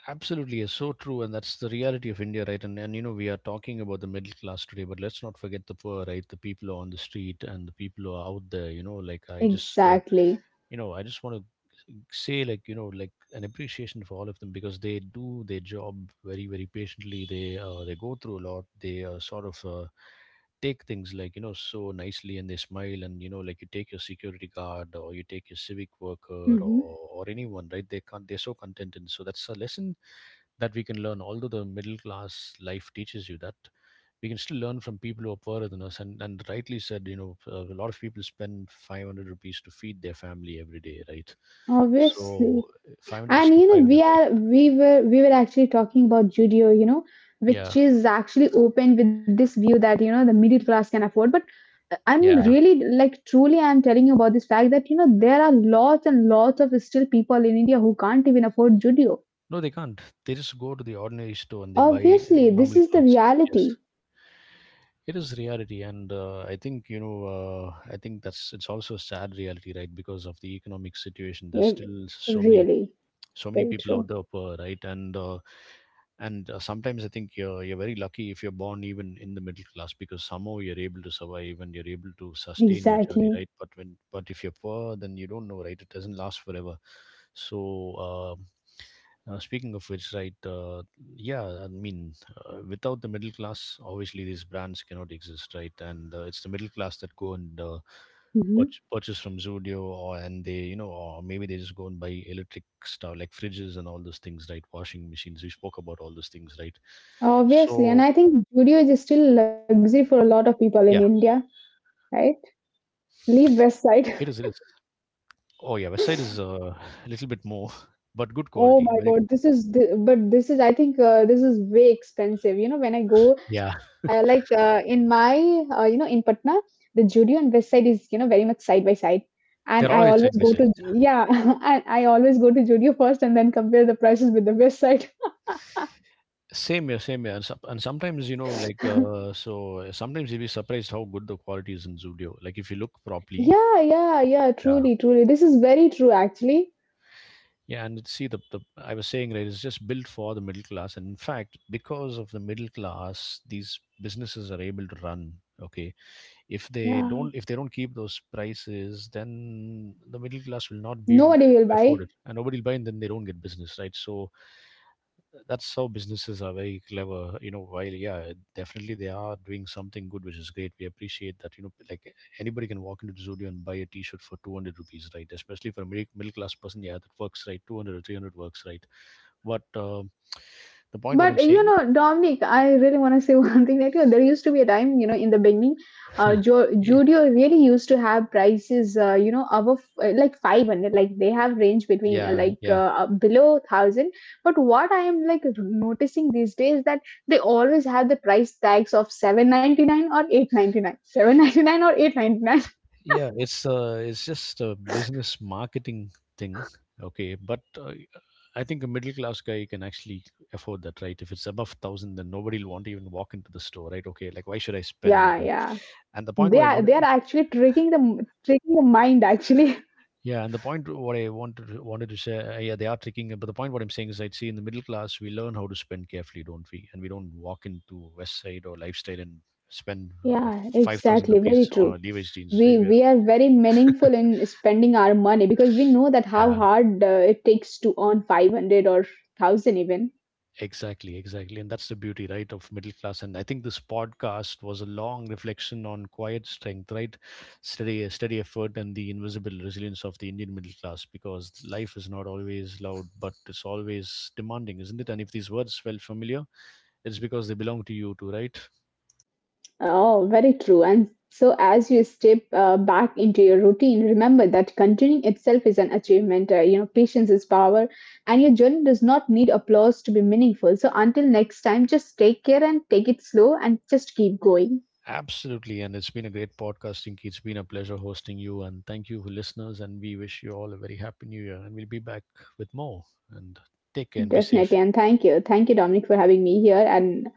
[SPEAKER 1] absolutely is so true, and that's the reality of India, right? And, and you know, we are talking about the middle class today, but let's not forget the poor, right, the people who are on the street and the people who are out there, you know, like I just uh,
[SPEAKER 2] Exactly.
[SPEAKER 1] you know, I just want to say, like you know, like an appreciation for all of them, because they do their job very, very patiently. They uh, they go through a lot, they uh, sort of, uh, take things, like you know, so nicely, and they smile, and you know, like you take your security guard or you take your civic worker,
[SPEAKER 2] Hmm.
[SPEAKER 1] or or anyone, right? They can't, they're so contented, so that's a lesson that we can learn. Although the middle class life teaches you that, we can still learn from people who are poorer than us. And, and rightly said, you know, uh, a lot of people spend five hundred rupees to feed their family every day, right? So
[SPEAKER 2] Obviously.
[SPEAKER 1] uh, five hundred is
[SPEAKER 2] And
[SPEAKER 1] still
[SPEAKER 2] you know we
[SPEAKER 1] five hundred, right?
[SPEAKER 2] are we were we were actually talking about Judio, you know,
[SPEAKER 1] Yeah,
[SPEAKER 2] which is actually open with this view that you know the middle class can afford. But uh, I mean,
[SPEAKER 1] yeah.
[SPEAKER 2] really, like truly, I'm telling you about this fact that you know there are lots and lots of still people in India who can't even afford Judio.
[SPEAKER 1] No, they can't. They just go to the ordinary store and they buy uh,
[SPEAKER 2] Obviously, this
[SPEAKER 1] normal
[SPEAKER 2] is the
[SPEAKER 1] clothes. Yes.
[SPEAKER 2] reality.
[SPEAKER 1] It is reality, and uh, I think you know. Uh, I think that's, it's also a sad reality, right? Because of the economic situation, there's
[SPEAKER 2] Yeah,
[SPEAKER 1] still so many
[SPEAKER 2] really.
[SPEAKER 1] so many
[SPEAKER 2] Very
[SPEAKER 1] people out
[SPEAKER 2] true.
[SPEAKER 1] there poor, right? And uh, and uh, sometimes I think you're, you're very lucky if you're born even in the middle class, because somehow you're able to survive and you're able to sustain your journey, right?
[SPEAKER 2] Exactly.
[SPEAKER 1] But when but if you're poor, then you don't know, right? It doesn't last forever. So, um uh, speaking of which, right, uh, yeah, I mean, uh, without the middle class, obviously these brands cannot exist, right? And uh, it's the middle class that go and, uh,
[SPEAKER 2] Mhm.
[SPEAKER 1] purch- purchase from Zudio. Or and they, you know, or maybe they just go and buy electric stuff like fridges and all those things, right? Washing machines, we spoke about all those things, right?
[SPEAKER 2] Obviously, and
[SPEAKER 1] So
[SPEAKER 2] I think Judio is still
[SPEAKER 1] yeah,
[SPEAKER 2] luxury for a lot of people in India, right? Leave West Side.
[SPEAKER 1] it is, it is. Oh yeah, West Side is uh, a little bit more but good
[SPEAKER 2] Oh
[SPEAKER 1] quality,
[SPEAKER 2] my
[SPEAKER 1] very good.
[SPEAKER 2] God, this is th but this is I think uh, this is way expensive. You know, when I go
[SPEAKER 1] Yeah,
[SPEAKER 2] uh, like uh, in my uh, you know, in Patna, the Judio and West Side is you know very much side by side, and
[SPEAKER 1] they're
[SPEAKER 2] I
[SPEAKER 1] always side
[SPEAKER 2] always
[SPEAKER 1] by
[SPEAKER 2] go
[SPEAKER 1] side.
[SPEAKER 2] to yeah, I, I always go to Judio first and then compare the prices with the West Side.
[SPEAKER 1] Same here, same here. And, some and sometimes you know, like uh, so sometimes you'll be surprised how good the quality is in Zudio, like if you look properly.
[SPEAKER 2] Yeah, yeah, yeah.
[SPEAKER 1] Yeah.
[SPEAKER 2] Truly, truly, this is very true actually.
[SPEAKER 1] Yeah, and see, the, the I was saying, right, it's just built for the middle class, and in fact, because of the middle class, these businesses are able to run. Okay, if they
[SPEAKER 2] Yeah,
[SPEAKER 1] don't if they don't keep those prices, then the middle class will not be able to,
[SPEAKER 2] nobody will
[SPEAKER 1] to afford
[SPEAKER 2] buy.
[SPEAKER 1] it, and nobody will buy, and then they don't get business, right? So that's how businesses are very clever, you know. While yeah, definitely they are doing something good, which is great, we appreciate that, you know, like anybody can walk into the studio and buy a t-shirt for two hundred rupees, right? Especially for a middle middle class person, yeah, that works, right? two hundred or three hundred works, right? But um, the point what I'm
[SPEAKER 2] But you
[SPEAKER 1] saying.
[SPEAKER 2] know, Dominic, I really want to say one thing that you know, there used to be a time, you know, in the beginning, uh, jo-
[SPEAKER 1] Yeah,
[SPEAKER 2] Judio really used to have prices, uh, you know, above uh, like five hundred, like they have range between uh,
[SPEAKER 1] yeah,
[SPEAKER 2] like uh,
[SPEAKER 1] yeah.
[SPEAKER 2] uh, below thousand. But what I am like noticing these days that they always have the price tags of seven ninety nine or eight ninety nine, seven ninety nine or eight ninety nine.
[SPEAKER 1] Yeah, it's uh, it's just a business marketing thing. Okay, but uh, I think a middle class guy can actually afford that, right? If it's above thousand, then nobody will want to even walk into the store, right?
[SPEAKER 2] Yeah,
[SPEAKER 1] Okay, like why
[SPEAKER 2] yeah,
[SPEAKER 1] should I spend? Uh,
[SPEAKER 2] they are they are
[SPEAKER 1] and the point what I
[SPEAKER 2] actually
[SPEAKER 1] wanted,
[SPEAKER 2] tricking the tricking the mind actually.
[SPEAKER 1] Yeah, and the point what I wanted to- wanted to say, uh, yeah, they are tricking. But the point what I'm saying is, I'd see in the middle class, we learn how to spend carefully, don't we? And we don't walk into West Side or lifestyle and spend uh,
[SPEAKER 2] Yeah,
[SPEAKER 1] five thousand
[SPEAKER 2] exactly, very
[SPEAKER 1] rupees on
[SPEAKER 2] true.
[SPEAKER 1] our Levi's jeans, right?
[SPEAKER 2] we
[SPEAKER 1] We
[SPEAKER 2] we are very
[SPEAKER 1] are,
[SPEAKER 2] meaningful in spending our money, because we know that how
[SPEAKER 1] yeah,
[SPEAKER 2] hard uh, it takes to earn five hundred or one thousand even.
[SPEAKER 1] exactly, exactly. And that's the beauty, right, of middle class. And I think this podcast was a long reflection on quiet strength, right? Steady, steady effort and the invisible resilience of the Indian middle class, because life is not always loud, but it's always demanding, isn't it? And if these words felt familiar, it's because they belong to you too, right?
[SPEAKER 2] Oh, very true. And so as you step uh, back into your routine, remember that continuing itself is an achievement. Uh, you know, patience is power, and your journey does not need applause to be meaningful. So until next time, just take care and take it slow and just keep going.
[SPEAKER 1] Absolutely. And it's been a great podcast, Inky. It's been a pleasure hosting you. And thank you, listeners. And we wish you all a very happy new year. And we'll be back with more. And take care and be safe.
[SPEAKER 2] Definitely, and thank you thank you, Dominic, for having me here, and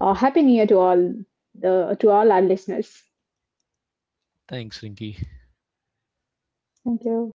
[SPEAKER 2] uh, happy new year to all the to all our listeners.
[SPEAKER 1] Thanks, Rinky.
[SPEAKER 2] Thank you.